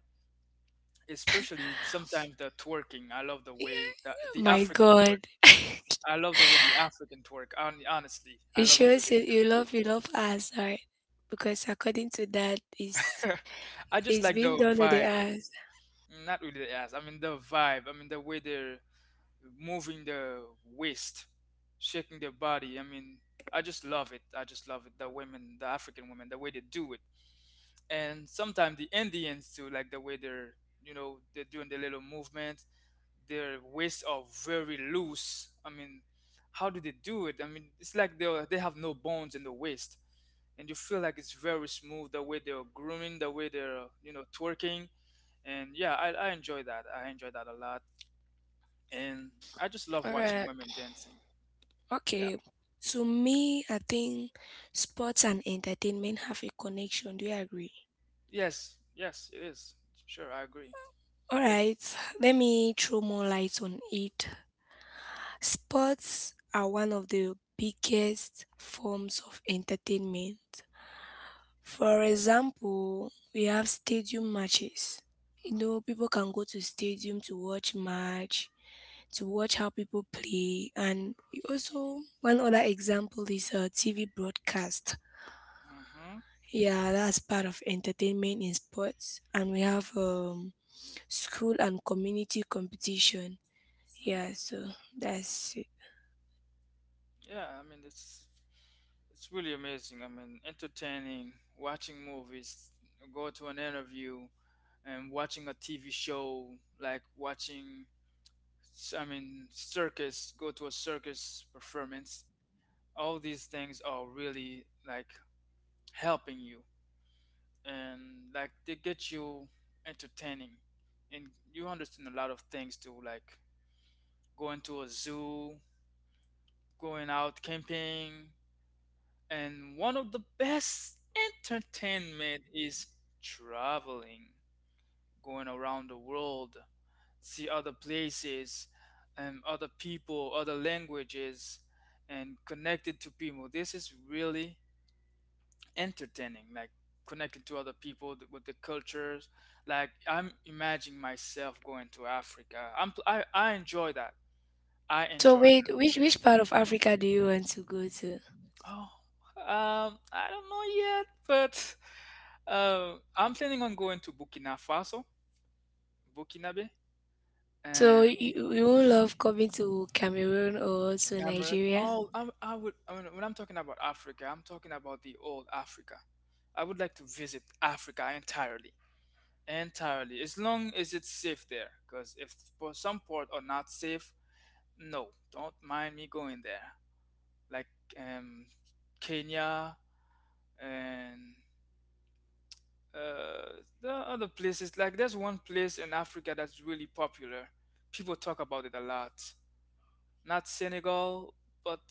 [SPEAKER 1] especially sometimes the twerking. I love the way the
[SPEAKER 2] My
[SPEAKER 1] African twerk.
[SPEAKER 2] God.
[SPEAKER 1] I love the way the African twerk. Honestly, I
[SPEAKER 2] It
[SPEAKER 1] love the way
[SPEAKER 2] shows
[SPEAKER 1] they
[SPEAKER 2] you,
[SPEAKER 1] do
[SPEAKER 2] you love us, right? Because according to that,
[SPEAKER 1] it. I just
[SPEAKER 2] it's
[SPEAKER 1] like
[SPEAKER 2] being
[SPEAKER 1] the
[SPEAKER 2] done with the
[SPEAKER 1] vibe,
[SPEAKER 2] ass.
[SPEAKER 1] not really the ass. I mean the vibe. I mean the way they're moving the waist, shaking their body. I mean, I just love it. I just love it. The women, the African women, the way they do it. And sometimes the Indians too, like the way they're, they're doing the little movement. Their waists are very loose. I mean, how do they do it? I mean, it's like they have no bones in the waist, and you feel like it's very smooth the way they're grooming, the way they're, twerking, and yeah, I enjoy that. I enjoy that a lot, and I just love
[SPEAKER 2] All
[SPEAKER 1] watching
[SPEAKER 2] right.
[SPEAKER 1] women dancing. Yeah.
[SPEAKER 2] Okay. To me, I think sports and entertainment have a connection. Do you agree?
[SPEAKER 1] Yes. Yes, it is. Sure, I agree.
[SPEAKER 2] All
[SPEAKER 1] Definitely.
[SPEAKER 2] right. Let me throw more light on it. Sports are one of the biggest forms of entertainment. For example, we have stadium matches. You know, people can go to stadium to watch match, to watch how people play, and you also one other example is a TV broadcast.
[SPEAKER 1] Mm-hmm.
[SPEAKER 2] Yeah, that's part of entertainment in sports, and we have school and community competition. Yeah,
[SPEAKER 1] Mm-hmm.
[SPEAKER 2] so that's it.
[SPEAKER 1] Yeah, I mean it's really amazing. I mean, entertaining, watching movies, go to an interview, and watching a TV show, like watching, I mean, circus, go to a circus performance. All these things are really like helping you, and like they get you entertaining, and you understand a lot of things too, like going to a zoo, going out camping. And one of the best entertainment is traveling, going around the world, see other places, and other people, other languages, and connected to people. This is really entertaining, like connecting to other people with the cultures. Like I'm imagining myself going to Africa. I enjoy that. I
[SPEAKER 2] So
[SPEAKER 1] enjoy.
[SPEAKER 2] wait, which part of Africa do you want to go to?
[SPEAKER 1] Oh, I don't know yet, but I'm planning on going to Burkina Faso, Burkinabe,
[SPEAKER 2] So
[SPEAKER 1] and
[SPEAKER 2] you won't love coming to Cameroon or to
[SPEAKER 1] Cameroon.
[SPEAKER 2] Nigeria?
[SPEAKER 1] Oh, I would. I mean, when I'm talking about Africa, I'm talking about the old Africa. I would like to visit Africa entirely, entirely, as long as it's safe there. Because if for some part are not safe, no, don't mind me going there. Like um, Kenya and Uh, there are other places. Like there's one place in Africa that's really popular. People talk about it a lot. Not Senegal, but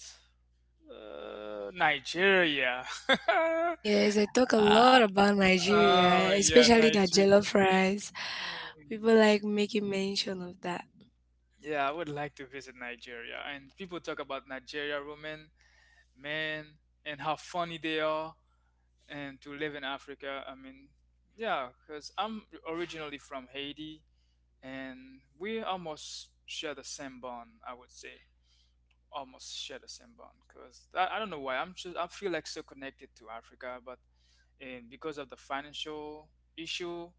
[SPEAKER 1] Nigeria.
[SPEAKER 2] Yes, I talk a
[SPEAKER 1] Ah,
[SPEAKER 2] lot about
[SPEAKER 1] oh
[SPEAKER 2] Nigeria,
[SPEAKER 1] yeah,
[SPEAKER 2] especially the
[SPEAKER 1] Nigeria.
[SPEAKER 2] jollof rice.
[SPEAKER 1] Mm.
[SPEAKER 2] People like making mention of that.
[SPEAKER 1] Yeah, I would like to visit Nigeria. And people talk about Nigeria women, men, and how funny they are, and to live in Africa. I mean, yeah, because I'm originally from Haiti, and we almost share the same bond, I would say almost share the same bond because I, don't know why. I'm just, I feel like so connected to Africa, but and because of the financial issue,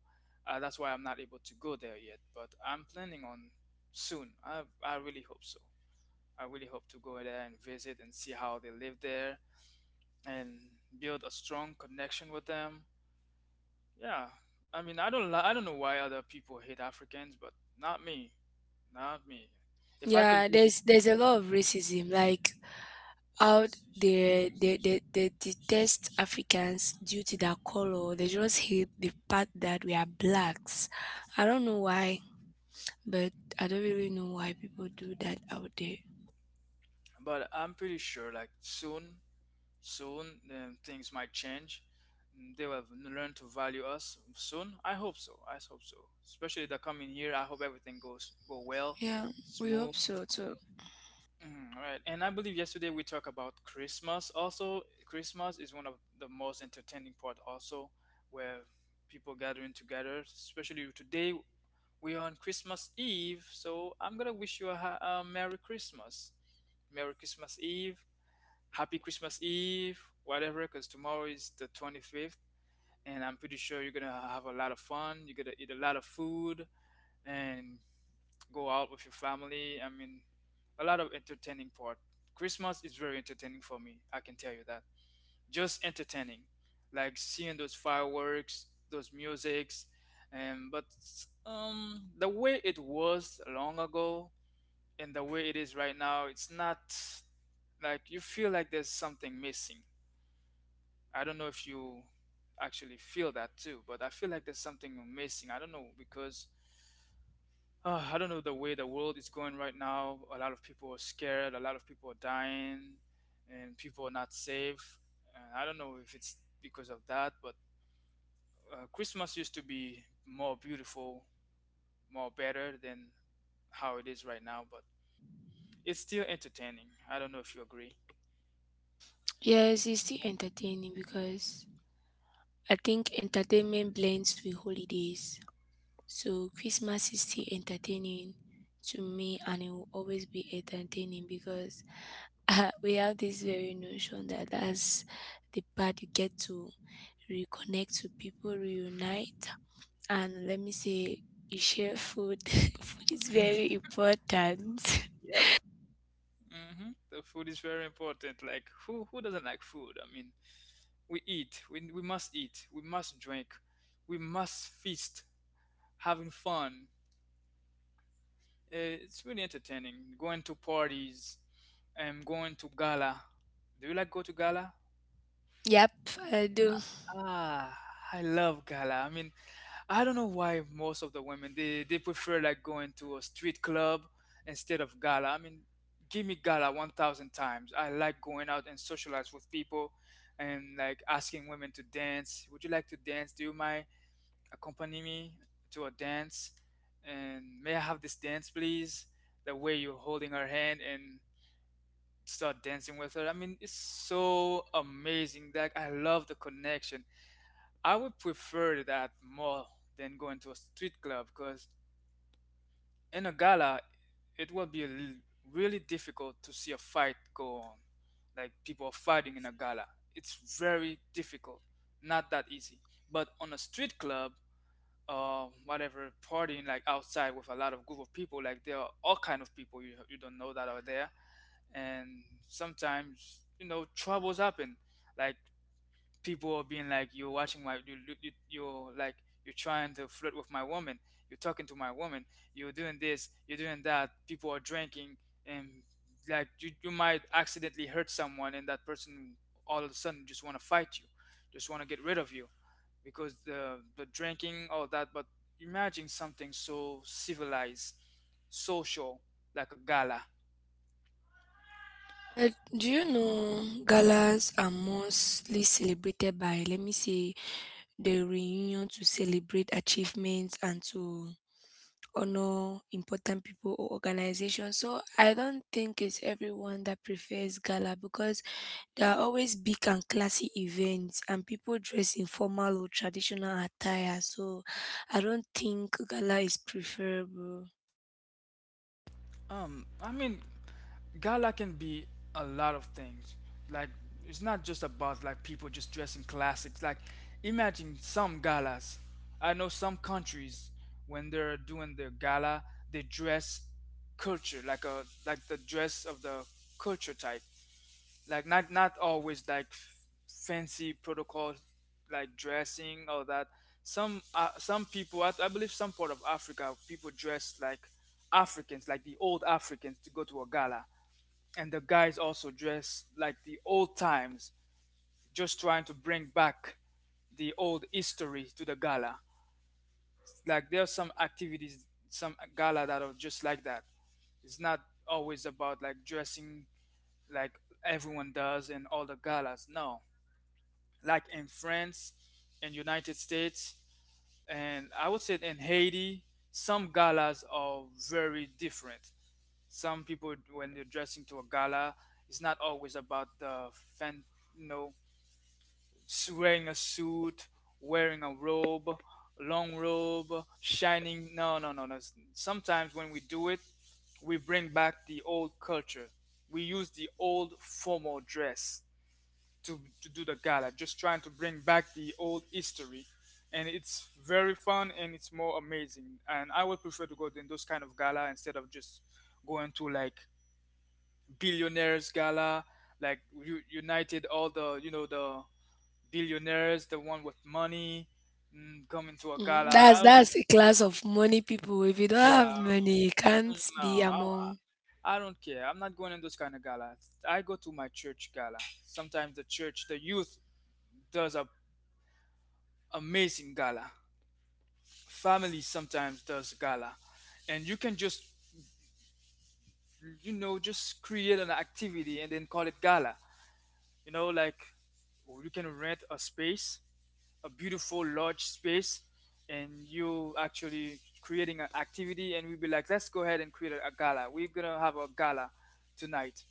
[SPEAKER 1] that's why I'm not able to go there yet, but I'm planning on soon. I really hope so. I really hope to go there and visit and see how they live there, and build a strong connection with them. Yeah, I mean I don't know why other people hate Africans, but not me. Not me. If I could
[SPEAKER 2] Yeah,
[SPEAKER 1] visit,
[SPEAKER 2] there's a lot of racism. Like out there, they detest Africans due to their color. They just hate the fact that we are blacks. I don't know why, but I don't really know why people do that out there.
[SPEAKER 1] but I'm pretty sure like soon, soon then things might change. Mm, they will have learned to value us soon. I hope so. I hope so. Especially the coming year. I hope everything goes go well,
[SPEAKER 2] Yeah, we hope
[SPEAKER 1] smooth.
[SPEAKER 2] so too.
[SPEAKER 1] Mm, all right. And I believe yesterday we talked about Christmas. Also, Christmas is one of the most entertaining part. Also, where people gathering together, especially today. We are on Christmas Eve, so I'm gonna wish you a, a Merry Christmas. Merry Christmas Eve, Happy Christmas Eve, whatever, because tomorrow is the 25th, and I'm pretty sure you're gonna have a lot of fun. You're gonna eat a lot of food and go out with your family. I mean, a lot of entertaining part. Christmas is very entertaining for me, I can tell you that, just entertaining, like seeing those fireworks, those musics, and but the way it was long ago and the way it is right now, it's not, like you feel like there's something missing. I don't know if you actually feel that too, but I feel like there's something missing. I don't know because I don't know the way the world is going right now. A lot of people are scared, a lot of people are dying, and people are not safe. And I don't know if it's because of that, but Christmas used to be more beautiful, more better than how it is right now, but it's still entertaining. I don't know if you agree.
[SPEAKER 2] Yes, it's still entertaining because I think entertainment blends with holidays. So Christmas is still entertaining to me and it will always be entertaining because we have this very notion that that's the part you get to reconnect with people, reunite, and let me say, you share food. Food is very important.
[SPEAKER 1] Yep. Hmm, the food is very important. Like who doesn't like food? I mean, we eat. We must eat. We must drink. We must feast, having fun. It's really entertaining. Going to parties, and going to gala. Do you like go to gala?
[SPEAKER 2] Yep, I do.
[SPEAKER 1] Ah, I love gala. I mean, I don't know why most of the women they prefer like going to a street club instead of gala. I mean, give me gala 1,000 times. I like going out and socialize with people and like asking women to dance. Would you like to dance? Do you mind accompany me to a dance? And may I have this dance please? The way you're holding her hand and start dancing with her. I mean, it's so amazing. Like I love the connection. I would prefer that more than going to a street club because in a gala, it will be l- really difficult to see a fight go on. Like people are fighting in a gala. It's very difficult, not that easy. But on a street club or whatever partying like outside with a lot of group of people, like there are all kind of people you don't know that are there, and sometimes troubles happen. Like people are being like, you're watching my are like you're trying to flirt with my woman, you're talking to my woman, you're doing this, you're doing that, people are drinking, and like you might accidentally hurt someone and that person all of a sudden just want to fight you, just want to get rid of you, because the drinking all that. But imagine something so civilized, social, like a gala.
[SPEAKER 2] But do you know galas are mostly celebrated by, let me say, the reunion to celebrate achievements and to honor important people or organizations. So I don't think it's everyone that prefers gala because there are always big and classy events and people dress in formal or traditional attire. So I don't think gala is preferable.
[SPEAKER 1] I mean, gala can be a lot of things. Like, it's not just about like people just dressing classics. Like, imagine some galas. I know some countries, when they're doing their gala, they dress culture, like a like the dress of the culture type, like not always like fancy protocol like dressing all that. Some some people, I believe some part of Africa people dress like Africans, like the old Africans to go to a gala, and the guys also dress like the old times, just trying to bring back the old history to the gala. Like there are some activities, some gala that are just like that. It's not always about like dressing, like everyone does in all the galas. No, like in France, in United States, and I would say in Haiti, some galas are very different. Some people, when they're dressing to a gala, it's not always about the fan, you know, wearing a suit, wearing a robe, long robe, shining. No, no, no, no. Sometimes when we do it, we bring back the old culture. We use the old formal dress to, do the gala, just trying to bring back the old history. And it's very fun and it's more amazing. And I would prefer to go in those kind of gala instead of just going to like billionaires gala, like united all the, you know, the billionaires, the one with money, mm, coming to a
[SPEAKER 2] Mm,
[SPEAKER 1] gala.
[SPEAKER 2] That's that's a class of money people. If you don't
[SPEAKER 1] Yeah,
[SPEAKER 2] have money, you can't
[SPEAKER 1] no,
[SPEAKER 2] be
[SPEAKER 1] I,
[SPEAKER 2] among.
[SPEAKER 1] I don't care. I'm not going in those kind of gala. I go to my church gala. Sometimes the church, the youth does a amazing gala. Family sometimes does gala, and you can just just create an activity and then call it gala. you know like you can rent a space, a beautiful large space, and you actually creating an activity, and we'd be like, let's go ahead and create a gala. We're gonna have a gala tonight.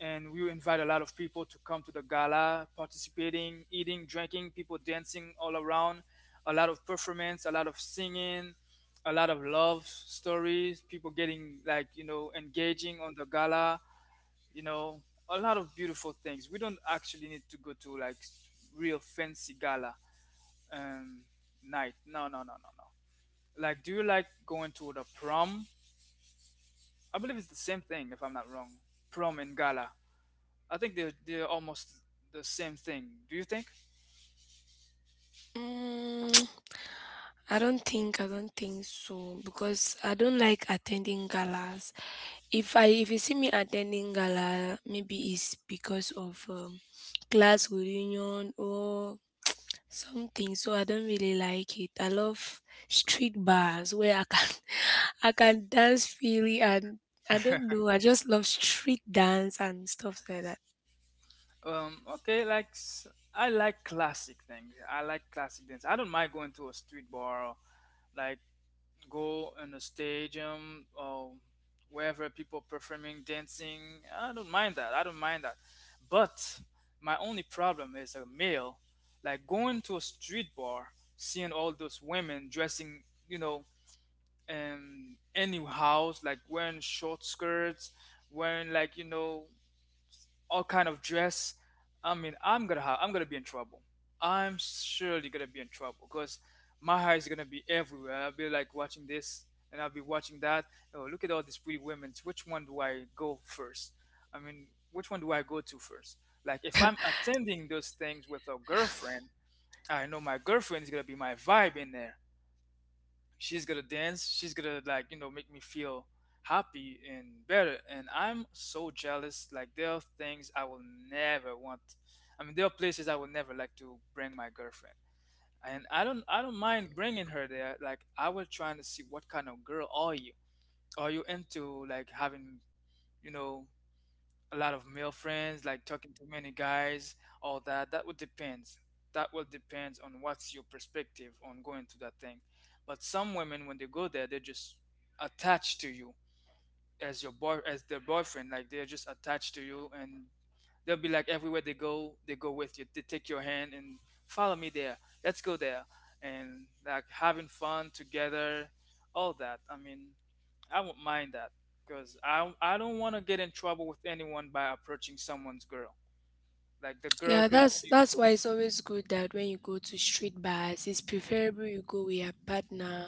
[SPEAKER 1] And we invite a lot of people to come to the gala, participating, eating, drinking, people dancing all around, a lot of performance, a lot of singing, a lot of love stories, people getting like engaging on the gala you know a lot of beautiful things. We don't actually need to go to like real fancy gala um night. No, no, no, no, no. Like, do you like going to the prom? I believe it's the same thing, if I'm not wrong. Prom and gala, I think they're, almost the same thing. Do you think?
[SPEAKER 2] Mm, I don't think so because I don't like attending galas. If you see me attending gala, maybe it's because of class reunion or something. So I don't really like it. I love street bars where I can I can dance freely and I don't know. I just love street dance and stuff like that.
[SPEAKER 1] Okay. I like classic things. I like classic dance. I don't mind going to a street bar, or like go in a stadium or wherever people performing dancing. I don't mind that. But my only problem is a male, like going to a street bar, seeing all those women dressing, you know, in any house, like wearing short skirts, wearing like, you know, all kind of dress. I'm gonna have, I'm gonna be in trouble. I'm surely gonna be in trouble because my hair is gonna be everywhere. I'll be like watching this and I'll be watching that. Oh, look at all these pretty women. Which one do I go first? Which one do I go to first? Like, if I'm attending those things with a girlfriend, I know my girlfriend is gonna be my vibe in there. She's gonna dance, she's gonna like, you know, make me feel happy and better. And I'm so jealous. Like, there are things I will never want. There are places I will never like to bring my girlfriend, and I don't mind bringing her there. Like, I was trying to see, what kind of girl are you? Are you into like having, you know, a lot of male friends, like talking to many guys, all that? That would depends. That will depends on what's your perspective on going to that thing. But some women, when they go there, they're just attached to you as your boy, as their boyfriend. Like, they're just attached to you, and they'll be like, everywhere they go with you. They take your hand and follow me there. Let's go there. And like having fun together, all that. I won't mind that because I don't want to get in trouble with anyone by approaching someone's girl. Like, the girl
[SPEAKER 2] Yeah,
[SPEAKER 1] could be,
[SPEAKER 2] that's why it's always good that when you go to street bars, it's preferable you go with a partner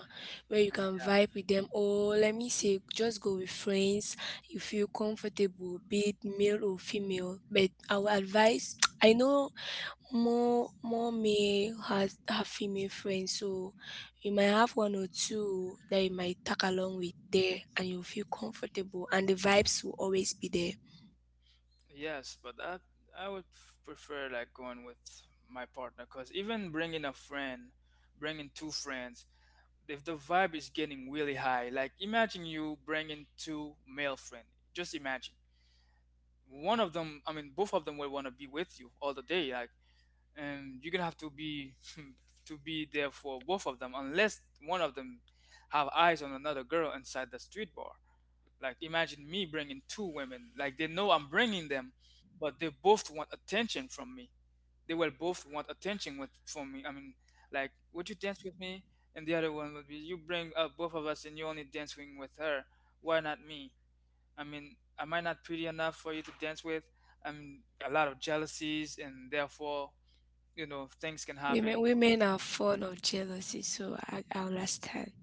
[SPEAKER 2] where you can
[SPEAKER 1] yeah.
[SPEAKER 2] vibe with them, or let me say, just go with friends. You feel comfortable, be it male or female. But I would advise, I know more male has have female friends, so you might have one or two that you might tag along with there, and you feel comfortable, and the vibes will always be there.
[SPEAKER 1] Yes, but I would prefer like going with my partner, because even bringing a friend, bringing two friends, if the vibe is getting really high, like imagine you bringing two male friends. Just imagine one of them. Both of them will want to be with you all the day. Like, and you're gonna have to be to be there for both of them, unless one of them have eyes on another girl inside the street bar. Like, imagine me bringing two women. Like, they know I'm bringing them, but they both want attention from me. They will both want attention with from me. Like, would you dance with me? And the other one would be, you bring up both of us, and you only dancing with her. Why not me? Am I not pretty enough for you to dance with? A lot of jealousies, and therefore, you know, things can
[SPEAKER 2] Women
[SPEAKER 1] happen.
[SPEAKER 2] women are fond of jealousy, so I understand.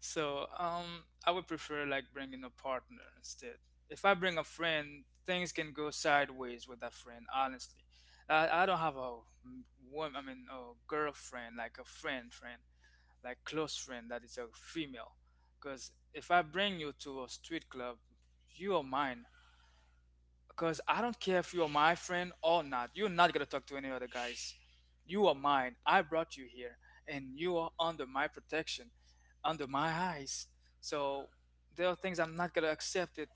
[SPEAKER 1] So, I would prefer like bringing a partner instead. If I bring a friend, things can go sideways with that friend. Honestly, I don't have a woman. A girlfriend, like a friend, like close friend that is a female. Because if I bring you to a street club, you are mine. Because I don't care if you are my friend or not, you're not gonna talk to any other guys. You are mine. I brought you here, and you are under my protection, under my eyes. So there are things I'm not gonna accept it,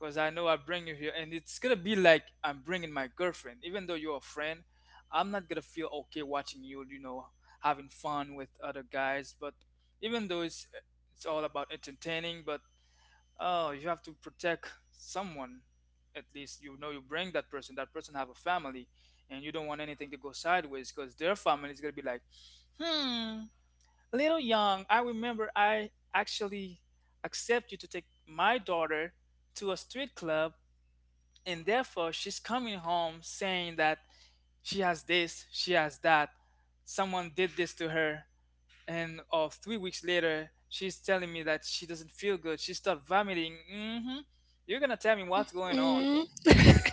[SPEAKER 1] because I know I bring you here, and it's gonna be like I'm bringing my girlfriend. Even though you're a friend, I'm not gonna feel okay watching you, you know, having fun with other guys. But even though it's all about entertaining, but oh, you have to protect someone. At least you know you bring that person. That person have a family, and you don't want anything to go sideways, because their family is gonna be like, hmm, little young. I remember. I actually accept you to take my daughter to a street club, and therefore she's coming home saying that she has this, she has that, someone did this to her, and or 3 weeks later she's telling me that she doesn't feel good. She started vomiting. Hmm. You're gonna tell me
[SPEAKER 2] Mm,
[SPEAKER 1] what's going on?
[SPEAKER 2] mm,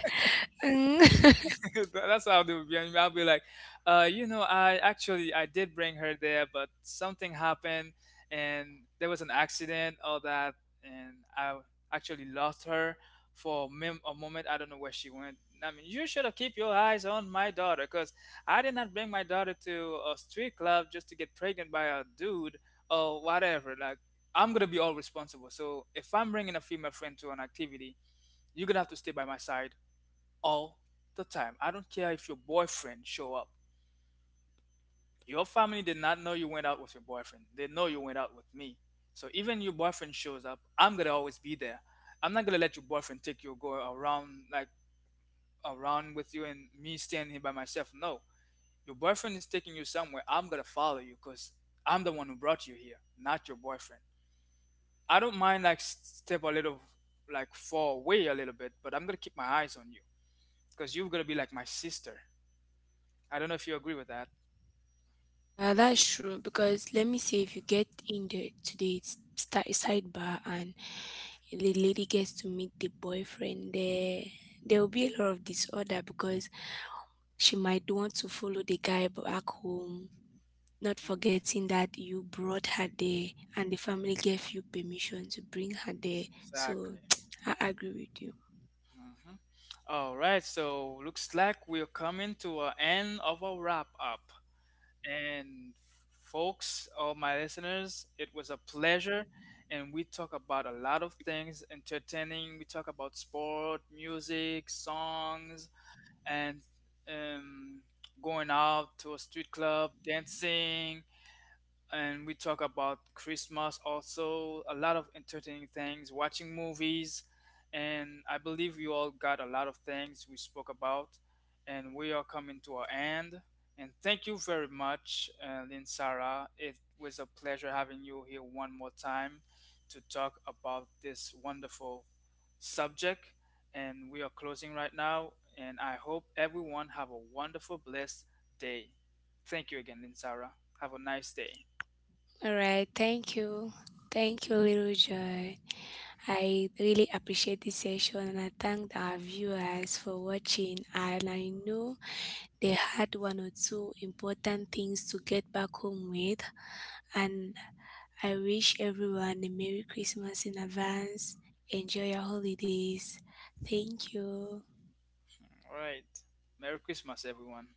[SPEAKER 2] mm.
[SPEAKER 1] That's how they would be. And I'll be like, you know, I did bring her there, but something happened, and there was an accident, all that, and I actually lost her for a a moment. I don't know where she went. You should have keep your eyes on my daughter, cause I did not bring my daughter to a street club just to get pregnant by a dude or whatever. Like, I'm gonna be all responsible. So if I'm bringing a female friend to an activity, you're gonna have to stay by my side all the time. I don't care if your boyfriend show up. Your family did not know you went out with your boyfriend. They know you went out with me. So even your boyfriend shows up, I'm gonna always be there. I'm not gonna let your boyfriend take you or go around like around with you and me standing here by myself. No, your boyfriend is taking you somewhere, I'm gonna follow you, because I'm the one who brought you here, not your boyfriend. I don't mind like step a little like far away a little bit, but I'm gonna keep my eyes on you because you're gonna be like my sister. I don't know if you agree with that.
[SPEAKER 2] Yeah, that's true. Because let me say, if you get in the to the today's start sidebar and the lady gets to meet the boyfriend there, there will be a lot of disorder because she might want to follow the guy back home, not
[SPEAKER 1] Mm.
[SPEAKER 2] forgetting that you brought her there and the family gave you permission to bring her there, so
[SPEAKER 1] Exactly.
[SPEAKER 2] I agree with you.
[SPEAKER 1] Mhm. All right, so looks like we're coming to an end of our wrap up. And folks, all my listeners, it was a pleasure. And we talk about a lot of things entertaining. We talk about sport, music, songs, and um, going out to a street club, dancing, and we talk about Christmas also, a lot of entertaining things, watching movies, and I believe you all got a lot of things we spoke about, and we are coming to our end. And thank you very much, Lynn Sarah. It was a pleasure having you here one more time to talk about this wonderful subject. And we are closing right now, and I hope everyone have a wonderful, blessed day. Thank you again, Lynn Sarah. Have a nice day.
[SPEAKER 2] All right. Thank you. Thank you, Little Joy. I really appreciate this session and I thank our viewers for watching. And I know they had one or two important things to get back home with. And I wish everyone a Merry Christmas in advance. Enjoy your holidays. Thank you.
[SPEAKER 1] All right. Merry Christmas, everyone.